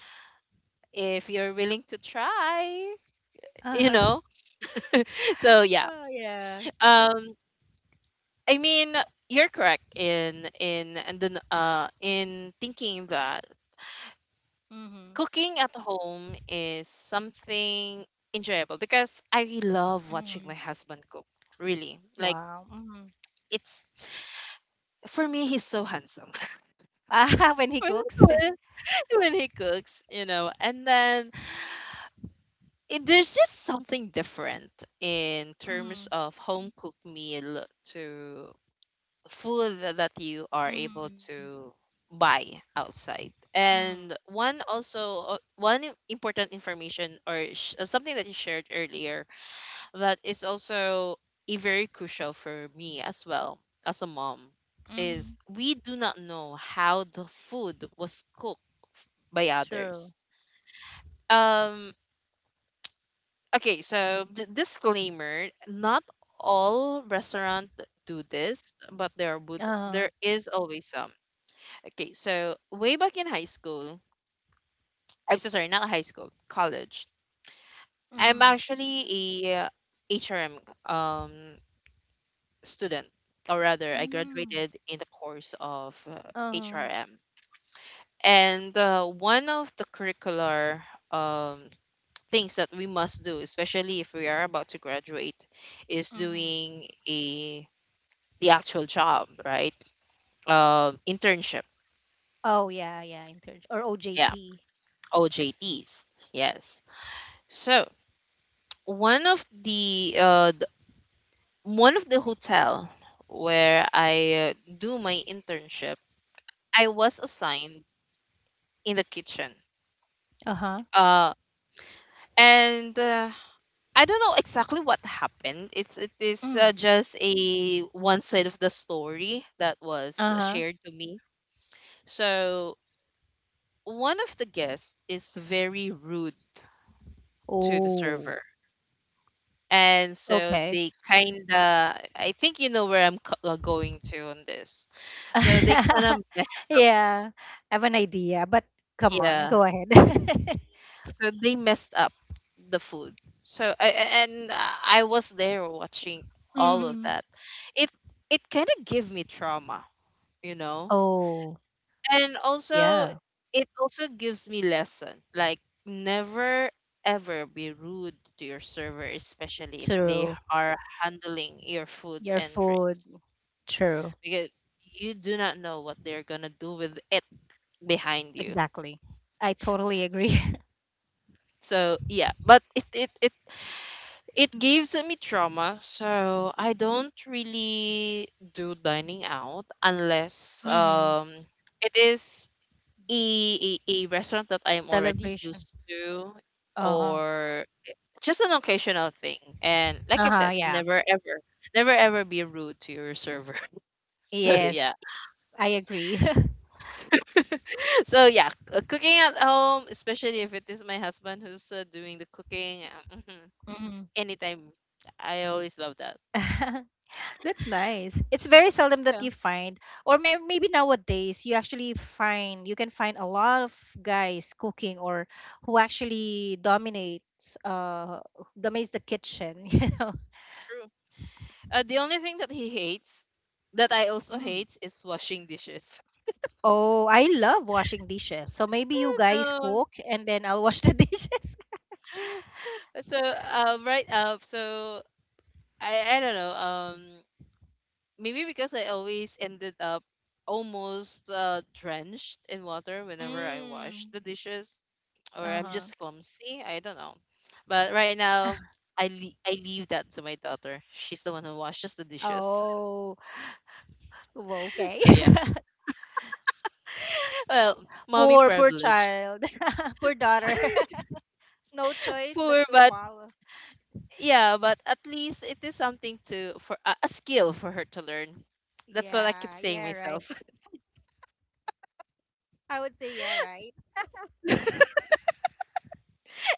Speaker 1: if you're willing to try, you
Speaker 2: Uh,
Speaker 1: know? (laughs) So, yeah.
Speaker 2: yeah.
Speaker 1: Um, I mean, you're correct in and then in thinking that
Speaker 2: Mhm.
Speaker 1: cooking at home is something enjoyable because I love watching my
Speaker 2: Mhm.
Speaker 1: husband cook. Really, like,
Speaker 2: Wow. Mhm.
Speaker 1: it's, for me, he's so handsome
Speaker 2: (laughs) Ah, when
Speaker 1: (laughs)
Speaker 2: he
Speaker 1: when,
Speaker 2: cooks. (laughs)
Speaker 1: when when he cooks, you know. And then there's just something different in terms
Speaker 2: Mhm.
Speaker 1: of home cooked meal to food that you are able
Speaker 2: Mhm.
Speaker 1: to buy outside.
Speaker 2: Mhm.
Speaker 1: And one also, one important information or something that you shared earlier that is also a very crucial for me as well as a mom, is
Speaker 2: Mhm.
Speaker 1: we do not know how the food was cooked by
Speaker 2: True.
Speaker 1: others. um Disclaimer, not all restaurant do this, but there would,
Speaker 2: Uh-huh.
Speaker 1: there is always some. Okay, so way back in high school, I'm so sorry, not high school, college. I'm
Speaker 2: Mhm.
Speaker 1: actually a HRM um student, or rather, I
Speaker 2: Mm.
Speaker 1: graduated in the course of
Speaker 2: Uh-huh.
Speaker 1: HRM. And one of the curricular um things that we must do, especially if we are about to graduate, is
Speaker 2: Mhm.
Speaker 1: doing a the actual job, right? Internship.
Speaker 2: Oh yeah, yeah, intern or
Speaker 1: Yeah,
Speaker 2: OJT.
Speaker 1: OJTs. Yes. So one of the one of the hotel where I do my internship, I was assigned in the kitchen.
Speaker 2: Uh-huh.
Speaker 1: Uh, and I don't know exactly what happened. It's, it is
Speaker 2: Mm.
Speaker 1: just a one side of the story that was
Speaker 2: Uh-huh.
Speaker 1: shared to me. So one of the guests is very rude to the
Speaker 2: Oh,
Speaker 1: server. And so
Speaker 2: okay.
Speaker 1: they kinda, I think you know where I'm going to on this. So they kind of
Speaker 2: (laughs)
Speaker 1: messed,
Speaker 2: Yeah, I have an idea, but come on,
Speaker 1: Yeah.
Speaker 2: go ahead. (laughs)
Speaker 1: So they messed up the food. So I a- and I was there watching all of
Speaker 2: Mhm.
Speaker 1: that. It it kind of gave me trauma, you know.
Speaker 2: Oh,
Speaker 1: And also
Speaker 2: yeah,
Speaker 1: it also gives me lesson like, never ever be rude to your server, especially if they
Speaker 2: true.
Speaker 1: are handling your food
Speaker 2: Your
Speaker 1: and
Speaker 2: food,
Speaker 1: drinks,
Speaker 2: true.
Speaker 1: because you do not know what they're gonna do with it behind you.
Speaker 2: Exactly. I totally agree.
Speaker 1: So yeah, but it, it gives me trauma, so I don't really do dining out unless,
Speaker 2: (laughs) hmm.
Speaker 1: um, it is a restaurant that I'm already
Speaker 2: Celebration.
Speaker 1: used to
Speaker 2: Uh-huh.
Speaker 1: or just an occasional thing. And like I've
Speaker 2: Uh-huh,
Speaker 1: said,
Speaker 2: yeah.
Speaker 1: never ever, never ever be rude to your server. (laughs) So
Speaker 2: Yes,
Speaker 1: yeah.
Speaker 2: I agree.
Speaker 1: (laughs) So yeah, cooking at home, especially if it is my husband who's doing the cooking, mhm,
Speaker 2: (laughs) hmm.
Speaker 1: anytime. I always love that.
Speaker 2: (laughs) That's nice. It's very seldom that
Speaker 1: Yeah,
Speaker 2: you find, or may maybe nowadays you actually find, you can find a lot of guys cooking, or who actually dominates dominates the kitchen, (laughs) you know.
Speaker 1: true. The only thing that he hates, that I also
Speaker 2: Mm.
Speaker 1: hate, is washing dishes.
Speaker 2: Oh, I love washing dishes. So
Speaker 1: (laughs)
Speaker 2: maybe you guys
Speaker 1: Oh, no.
Speaker 2: cook and then I'll wash the (laughs) dishes.
Speaker 1: (laughs) So um right up, so I don't know, um, maybe because I always ended up almost drenched in water whenever I wash
Speaker 2: Mm.
Speaker 1: the dishes, or I'm
Speaker 2: Uh-huh.
Speaker 1: just clumsy, I don't know. But right now,
Speaker 2: (laughs)
Speaker 1: I leave that to my daughter, she's the one who washes the dishes.
Speaker 2: Oh, well,
Speaker 1: (laughs)
Speaker 2: okay.
Speaker 1: So yeah,
Speaker 2: (laughs)
Speaker 1: well, mommy
Speaker 2: Poor, poor
Speaker 1: privilege.
Speaker 2: child. (laughs) Poor daughter. (laughs) No choice but
Speaker 1: Poor,
Speaker 2: to
Speaker 1: but
Speaker 2: follow.
Speaker 1: yeah, but at least it is something to, for a skill for her to learn, that's what I keep
Speaker 2: Yeah,
Speaker 1: saying
Speaker 2: yeah, right.
Speaker 1: myself.
Speaker 2: I would say yeah, right.
Speaker 1: (laughs)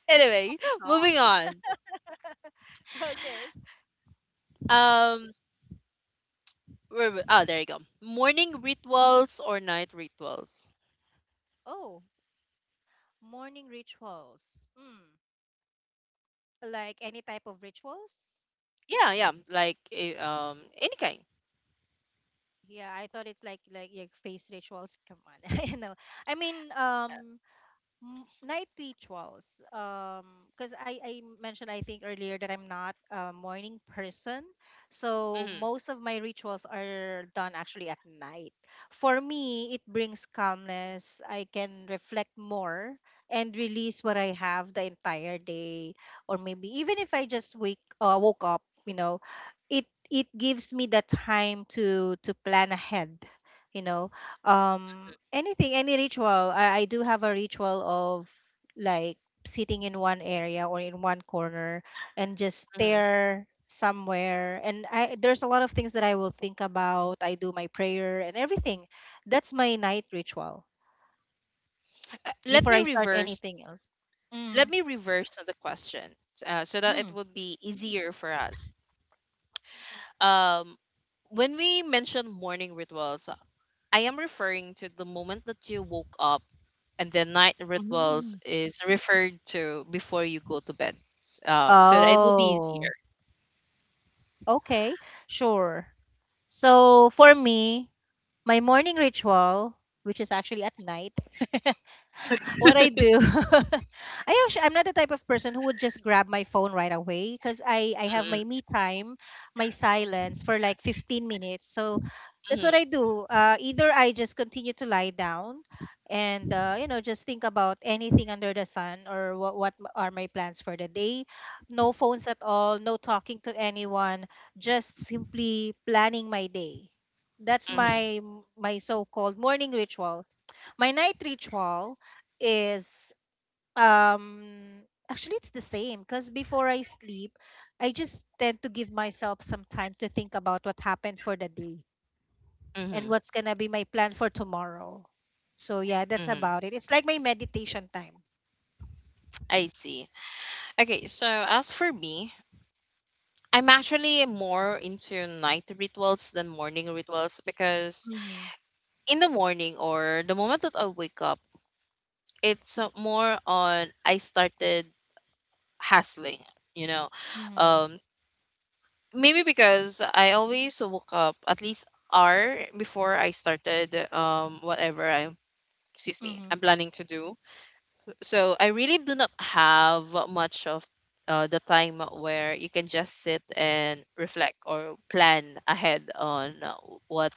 Speaker 1: Anyway,
Speaker 2: To
Speaker 1: moving
Speaker 2: Talk.
Speaker 1: on,
Speaker 2: (laughs) Okay.
Speaker 1: um, oh there you go, morning rituals or night rituals?
Speaker 2: Oh, morning rituals. Hmm. Like any type of rituals?
Speaker 1: Yeah, yeah, like any kind.
Speaker 2: Yeah, I thought it's like your face rituals. Come on. (laughs) You know. I mean, m- night rituals, because I mentioned, I think earlier, that I'm not a morning person, so
Speaker 1: Mm-hmm,
Speaker 2: most of my rituals are done actually at night. For me it brings calmness, I can reflect more and release what I have the entire day, or maybe even if I just wake woke up, you know. it it gives me the time to plan ahead, you know. Anything, any ritual, I do have a ritual of, like, sitting in one area or in one corner and just
Speaker 1: mm-hmm.
Speaker 2: stare somewhere, and I, there's a lot of things that I will think about. I do my prayer and everything. That's my night ritual,
Speaker 1: Uh, let
Speaker 2: before
Speaker 1: me
Speaker 2: I start
Speaker 1: reverse
Speaker 2: anything else.
Speaker 1: let
Speaker 2: Mm,
Speaker 1: me reverse the question, so that it
Speaker 2: mm.
Speaker 1: would be easier for us, um, when we mention morning rituals, I am referring to the moment that you woke up, and then night rituals
Speaker 2: Mm.
Speaker 1: is referred to before you go to bed. So that it will be
Speaker 2: Oh,
Speaker 1: easier.
Speaker 2: okay, sure. So for me, my morning ritual, which is actually at night, (laughs) what I do. (laughs) I actually, I'm not the type of person who would just grab my phone right away, because I have
Speaker 1: Mm-hmm,
Speaker 2: my me time, my silence for like 15 minutes. So that's
Speaker 1: mm-hmm,
Speaker 2: what I do. Either I just continue to lie down and you know, just think about anything under the sun, or are my plans for the day. No phones at all, no talking to anyone, just simply planning my day. That's
Speaker 1: mm-hmm,
Speaker 2: my so-called morning ritual. My night ritual is um actually it's the same, because before I sleep, I just tend to give myself some time to think about what happened for the day
Speaker 1: mm-hmm.
Speaker 2: and what's gonna be my plan for tomorrow. So yeah, that's
Speaker 1: Mm-hmm.
Speaker 2: about it. It's like my meditation time.
Speaker 1: I see. Okay, so as for me, I'm actually more into night rituals than morning rituals because
Speaker 2: Mm-hmm.
Speaker 1: in the morning or the moment that I wake up, it's more on I started hustling, you know.
Speaker 2: Mm-hmm.
Speaker 1: Um, maybe because I always woke up at least hour before I started whatever I, excuse me,
Speaker 2: Mm-hmm.
Speaker 1: I'm planning to do. So I really do not have much of the time where you can just sit and reflect or plan ahead on what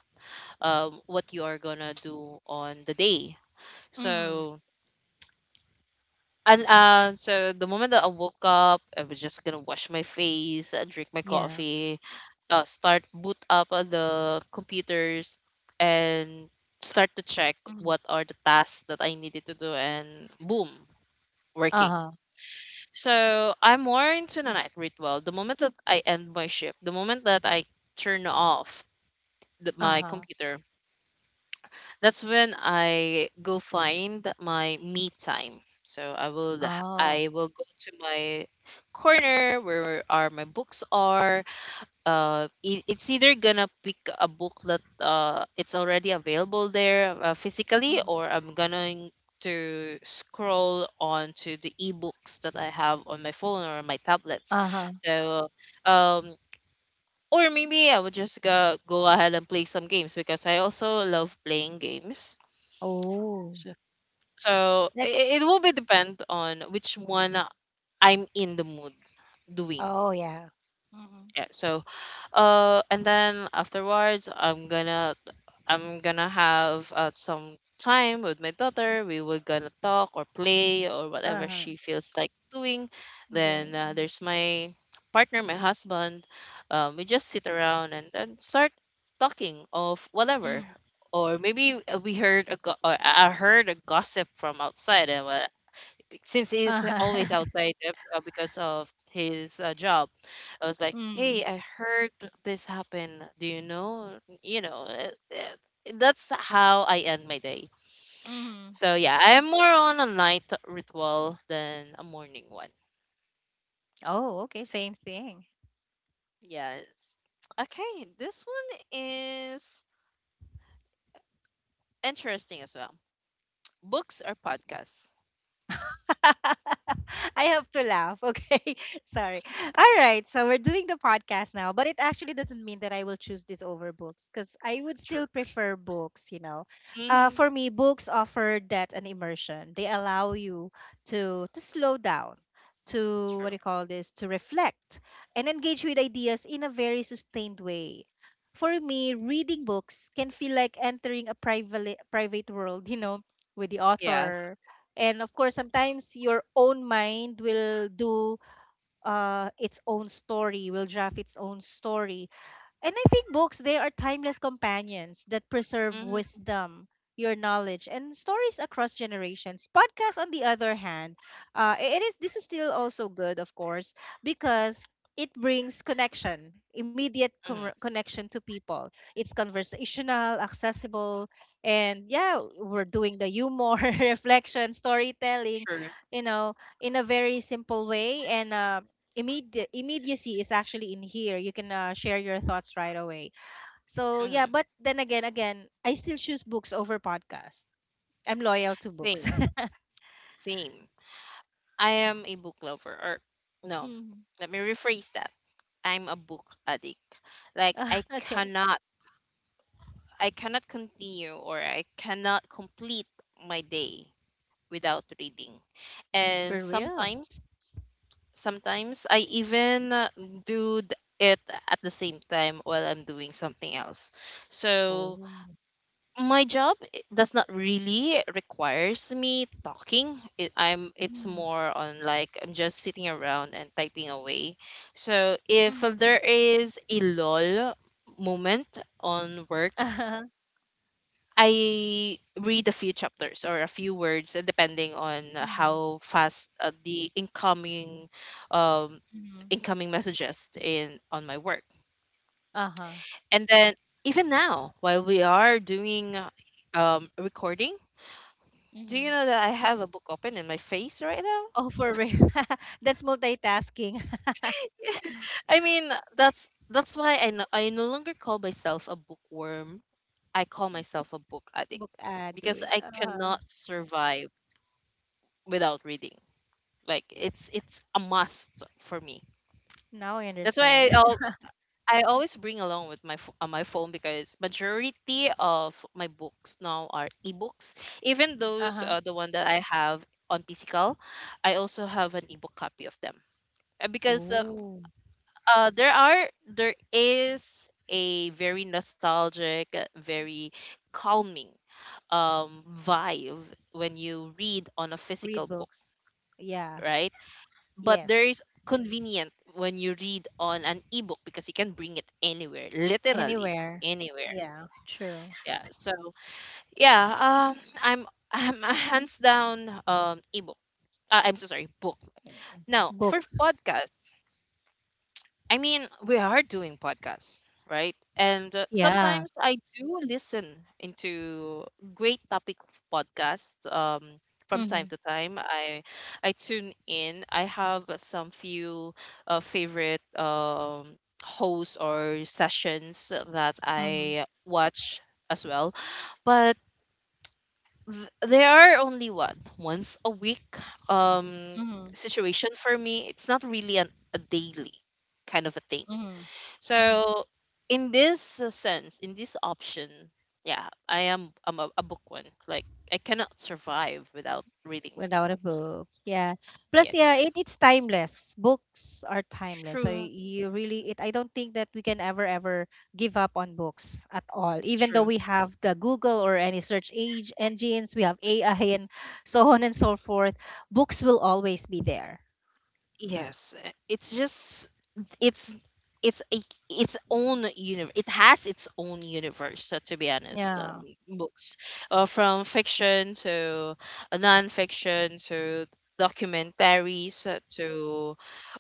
Speaker 1: what you are gonna do on the day.
Speaker 2: Mm-hmm.
Speaker 1: So, and so the moment that I woke up, I was just gonna wash my face, drink my
Speaker 2: Yeah.
Speaker 1: coffee, start boot up on the computers and start to check what
Speaker 2: Mm-hmm.
Speaker 1: are the tasks that I needed to do and boom, working.
Speaker 2: Uh-huh.
Speaker 1: So I'm more into the night ritual. The moment that I end my shift, the moment that I turn off my
Speaker 2: Uh-huh.
Speaker 1: computer, that's when I go find my me time. So I will
Speaker 2: Oh.
Speaker 1: I will go to my corner where are my books are it's either gonna pick a book that it's already available there physically,
Speaker 2: Mm-hmm.
Speaker 1: or I'm going to scroll on to the ebooks that I have on my phone or my tablets.
Speaker 2: Uh-huh.
Speaker 1: So um or maybe I would just go ahead and play some games because I also love playing games.
Speaker 2: Oh.
Speaker 1: So, so
Speaker 2: Like
Speaker 1: it will be depend on which one I'm in the mood doing.
Speaker 2: oh yeah. Mm-hmm.
Speaker 1: Yeah, so and then afterwards I'm gonna have some time with my daughter. We were gonna talk or play or whatever
Speaker 2: Uh-huh.
Speaker 1: she feels like doing. Then
Speaker 2: Doing.
Speaker 1: there's my partner, my husband. We just sit around and then start talking of whatever. Or maybe we heard a go- or I heard a gossip from outside, and well, since he's
Speaker 2: Uh-huh.
Speaker 1: always
Speaker 2: (laughs)
Speaker 1: outside because of his job. I was like, hey,
Speaker 2: Mm.
Speaker 1: I heard this happen. Do you know, you know uh, that's how I end my day.
Speaker 2: Mhm.
Speaker 1: So yeah, I'm more on a night ritual than a morning one.
Speaker 2: Oh, okay, same thing.
Speaker 1: Yes. Okay, this one is interesting as well. Books or podcasts?
Speaker 2: (laughs) I have to laugh. Okay. (laughs) Sorry. All right. So we're doing the podcast now, but it actually doesn't mean that I will choose this over books, because I would
Speaker 1: True.
Speaker 2: still prefer books, you know.
Speaker 1: Hmm.
Speaker 2: For me, books offer that and immersion. They allow you to slow down, to, what
Speaker 1: True.
Speaker 2: do you call this, to reflect and engage with ideas in a very sustained way. For me, reading books can feel like entering a private world, (laughs) you know, with the
Speaker 1: Yes.
Speaker 2: author, and of course sometimes your own mind will do its own story will draft its own story. And I think books, they are timeless companions that preserve
Speaker 1: Hmm.
Speaker 2: wisdom, your knowledge, and stories across generations. Podcasts, on the other hand, it is this is still also good, of course, because it brings connection,
Speaker 1: Hmm.
Speaker 2: connection to people. It's conversational, accessible, and yeah, we're doing the humor, (laughs) reflection, storytelling,
Speaker 1: True.
Speaker 2: you know, in a very simple way. And immediate immediacy is actually in here. You can share your thoughts right away. So yeah,
Speaker 1: Hmm.
Speaker 2: but then again, I still choose books over podcasts. I'm loyal to books.
Speaker 1: Same, same. I am a book lover, or
Speaker 2: (laughs)
Speaker 1: no,
Speaker 2: mm.
Speaker 1: let me rephrase that. I'm a book addict. Like I
Speaker 2: Okay.
Speaker 1: cannot, I cannot continue, or I cannot complete my day without reading. And
Speaker 2: For real.
Speaker 1: sometimes I even do it at the same time while I'm doing something else. So
Speaker 2: Oh.
Speaker 1: my job does not really requires me talking it. I'm It's
Speaker 2: Mm-hmm.
Speaker 1: more on like I'm just sitting around and typing away. So if
Speaker 2: Mm-hmm.
Speaker 1: there is a lull moment on
Speaker 2: Uh-huh.
Speaker 1: work, I read a few chapters or a few words, depending on
Speaker 2: Mm-hmm.
Speaker 1: how fast the incoming, um
Speaker 2: Mm-hmm.
Speaker 1: incoming messages in on my work.
Speaker 2: Uh-huh.
Speaker 1: And then even now while we are doing recording, do you
Speaker 2: Mm-hmm.
Speaker 1: know that I have a book open in my face right now?
Speaker 2: Oh, for real. (laughs) That's multitasking.
Speaker 1: I mean, that's why I, no, I no longer call myself a bookworm. I call
Speaker 2: (laughs)
Speaker 1: myself
Speaker 2: It's
Speaker 1: a book addict
Speaker 2: book
Speaker 1: because
Speaker 2: addict.
Speaker 1: I cannot survive without reading. Like, it's a must for me.
Speaker 2: Now I
Speaker 1: That's why
Speaker 2: understand. (laughs)
Speaker 1: I always bring along with my my phone, because majority of my books now are ebooks. Even those
Speaker 2: Uh-huh.
Speaker 1: the one that I have on physical, I also have an ebook copy of them. Because
Speaker 2: Oh.
Speaker 1: there are, there is a very nostalgic, very calming vibe when you read on a
Speaker 2: Read
Speaker 1: physical book,
Speaker 2: books. Yeah.
Speaker 1: right? But there
Speaker 2: Yes.
Speaker 1: is convenient when you read on an ebook because you can bring it anywhere, literally
Speaker 2: Anywhere.
Speaker 1: anywhere.
Speaker 2: Yeah, true.
Speaker 1: Yeah, so yeah, i'm I'm a hands down ebook, I'm so sorry, book. Now
Speaker 2: Book.
Speaker 1: for podcasts, I mean, we are doing podcasts, right? And
Speaker 2: Yeah.
Speaker 1: sometimes I do listen into great topic of podcasts from
Speaker 2: Mm-hmm.
Speaker 1: time to time. I tune in. I have some few favorite, hosts or sessions that
Speaker 2: Mm-hmm.
Speaker 1: I watch as well, but they are only what, once a week um,
Speaker 2: Mm-hmm.
Speaker 1: situation for me. It's not really an, a daily kind of a thing.
Speaker 2: Mm-hmm.
Speaker 1: So in this sense, in this option, yeah, I am, I'm a bookworm. Like, I cannot survive without reading.
Speaker 2: Without a book. Yeah. Plus,
Speaker 1: Yes,
Speaker 2: yeah, it's timeless. Books are timeless. So
Speaker 1: true,
Speaker 2: you really, it I don't think that we can ever give up on books at all. Even though
Speaker 1: true.
Speaker 2: we have the Google or any search age engines, we have AI and so on and so forth, books will always be there.
Speaker 1: Yes. It's just it's it's a, its own universe. It has its own universe. To be honest,
Speaker 2: Yeah.
Speaker 1: books, from fiction to non-fiction, to documentaries, to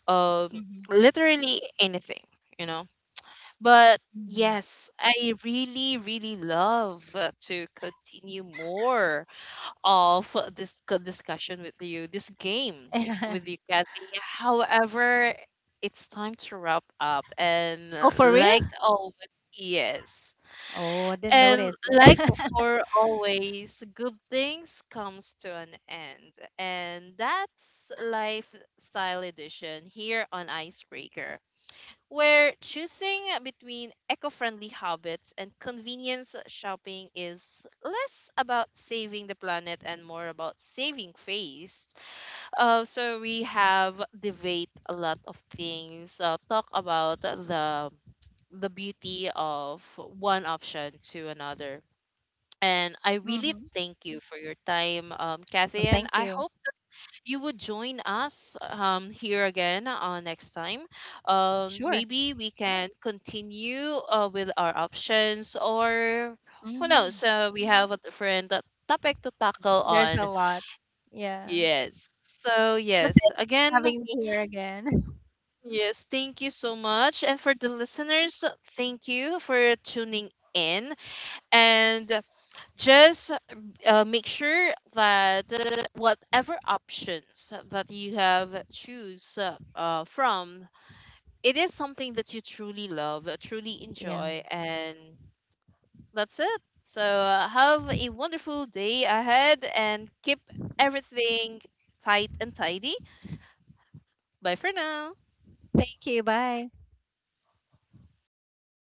Speaker 1: um,
Speaker 2: Mm-hmm.
Speaker 1: literally anything. You know. But yes, I really, really love to continue more of this discussion with you, this game
Speaker 2: Mm-hmm.
Speaker 1: with you, Kathy. However, it's time to wrap up. And
Speaker 2: (laughs) oh, for real?
Speaker 1: like always, yes.
Speaker 2: Oh, I didn't
Speaker 1: And
Speaker 2: notice it.
Speaker 1: like
Speaker 2: (laughs)
Speaker 1: for always, good things comes to an end. And that's Lifestyle Edition here on Icebreaker, where choosing between eco friendly habits and convenience shopping is less about saving the planet and more about saving face. So we have debate a lot of things, talk about the beauty of one option to another. And I really
Speaker 2: Mm-hmm.
Speaker 1: thank you for your time, Kathy.
Speaker 2: Well,
Speaker 1: And
Speaker 2: thank
Speaker 1: I
Speaker 2: you.
Speaker 1: hope you would join us here again next time.
Speaker 2: Sure.
Speaker 1: Maybe we can continue with our options, or who
Speaker 2: Mm-hmm.
Speaker 1: knows? We have a different topic to tackle
Speaker 2: There's a
Speaker 1: on.
Speaker 2: lot. Yeah.
Speaker 1: Yes. So,
Speaker 2: But thank
Speaker 1: yes.
Speaker 2: you for
Speaker 1: Again,
Speaker 2: having me here again. (laughs)
Speaker 1: yes, thank you so much. And for the listeners, thank you for tuning in. And just make sure that whatever options that you have choose from, it is something that you truly love, truly
Speaker 2: Yeah.
Speaker 1: enjoy. And that's it. So have a wonderful day ahead and keep everything tight and tidy. Bye for now.
Speaker 2: Thank you. Bye.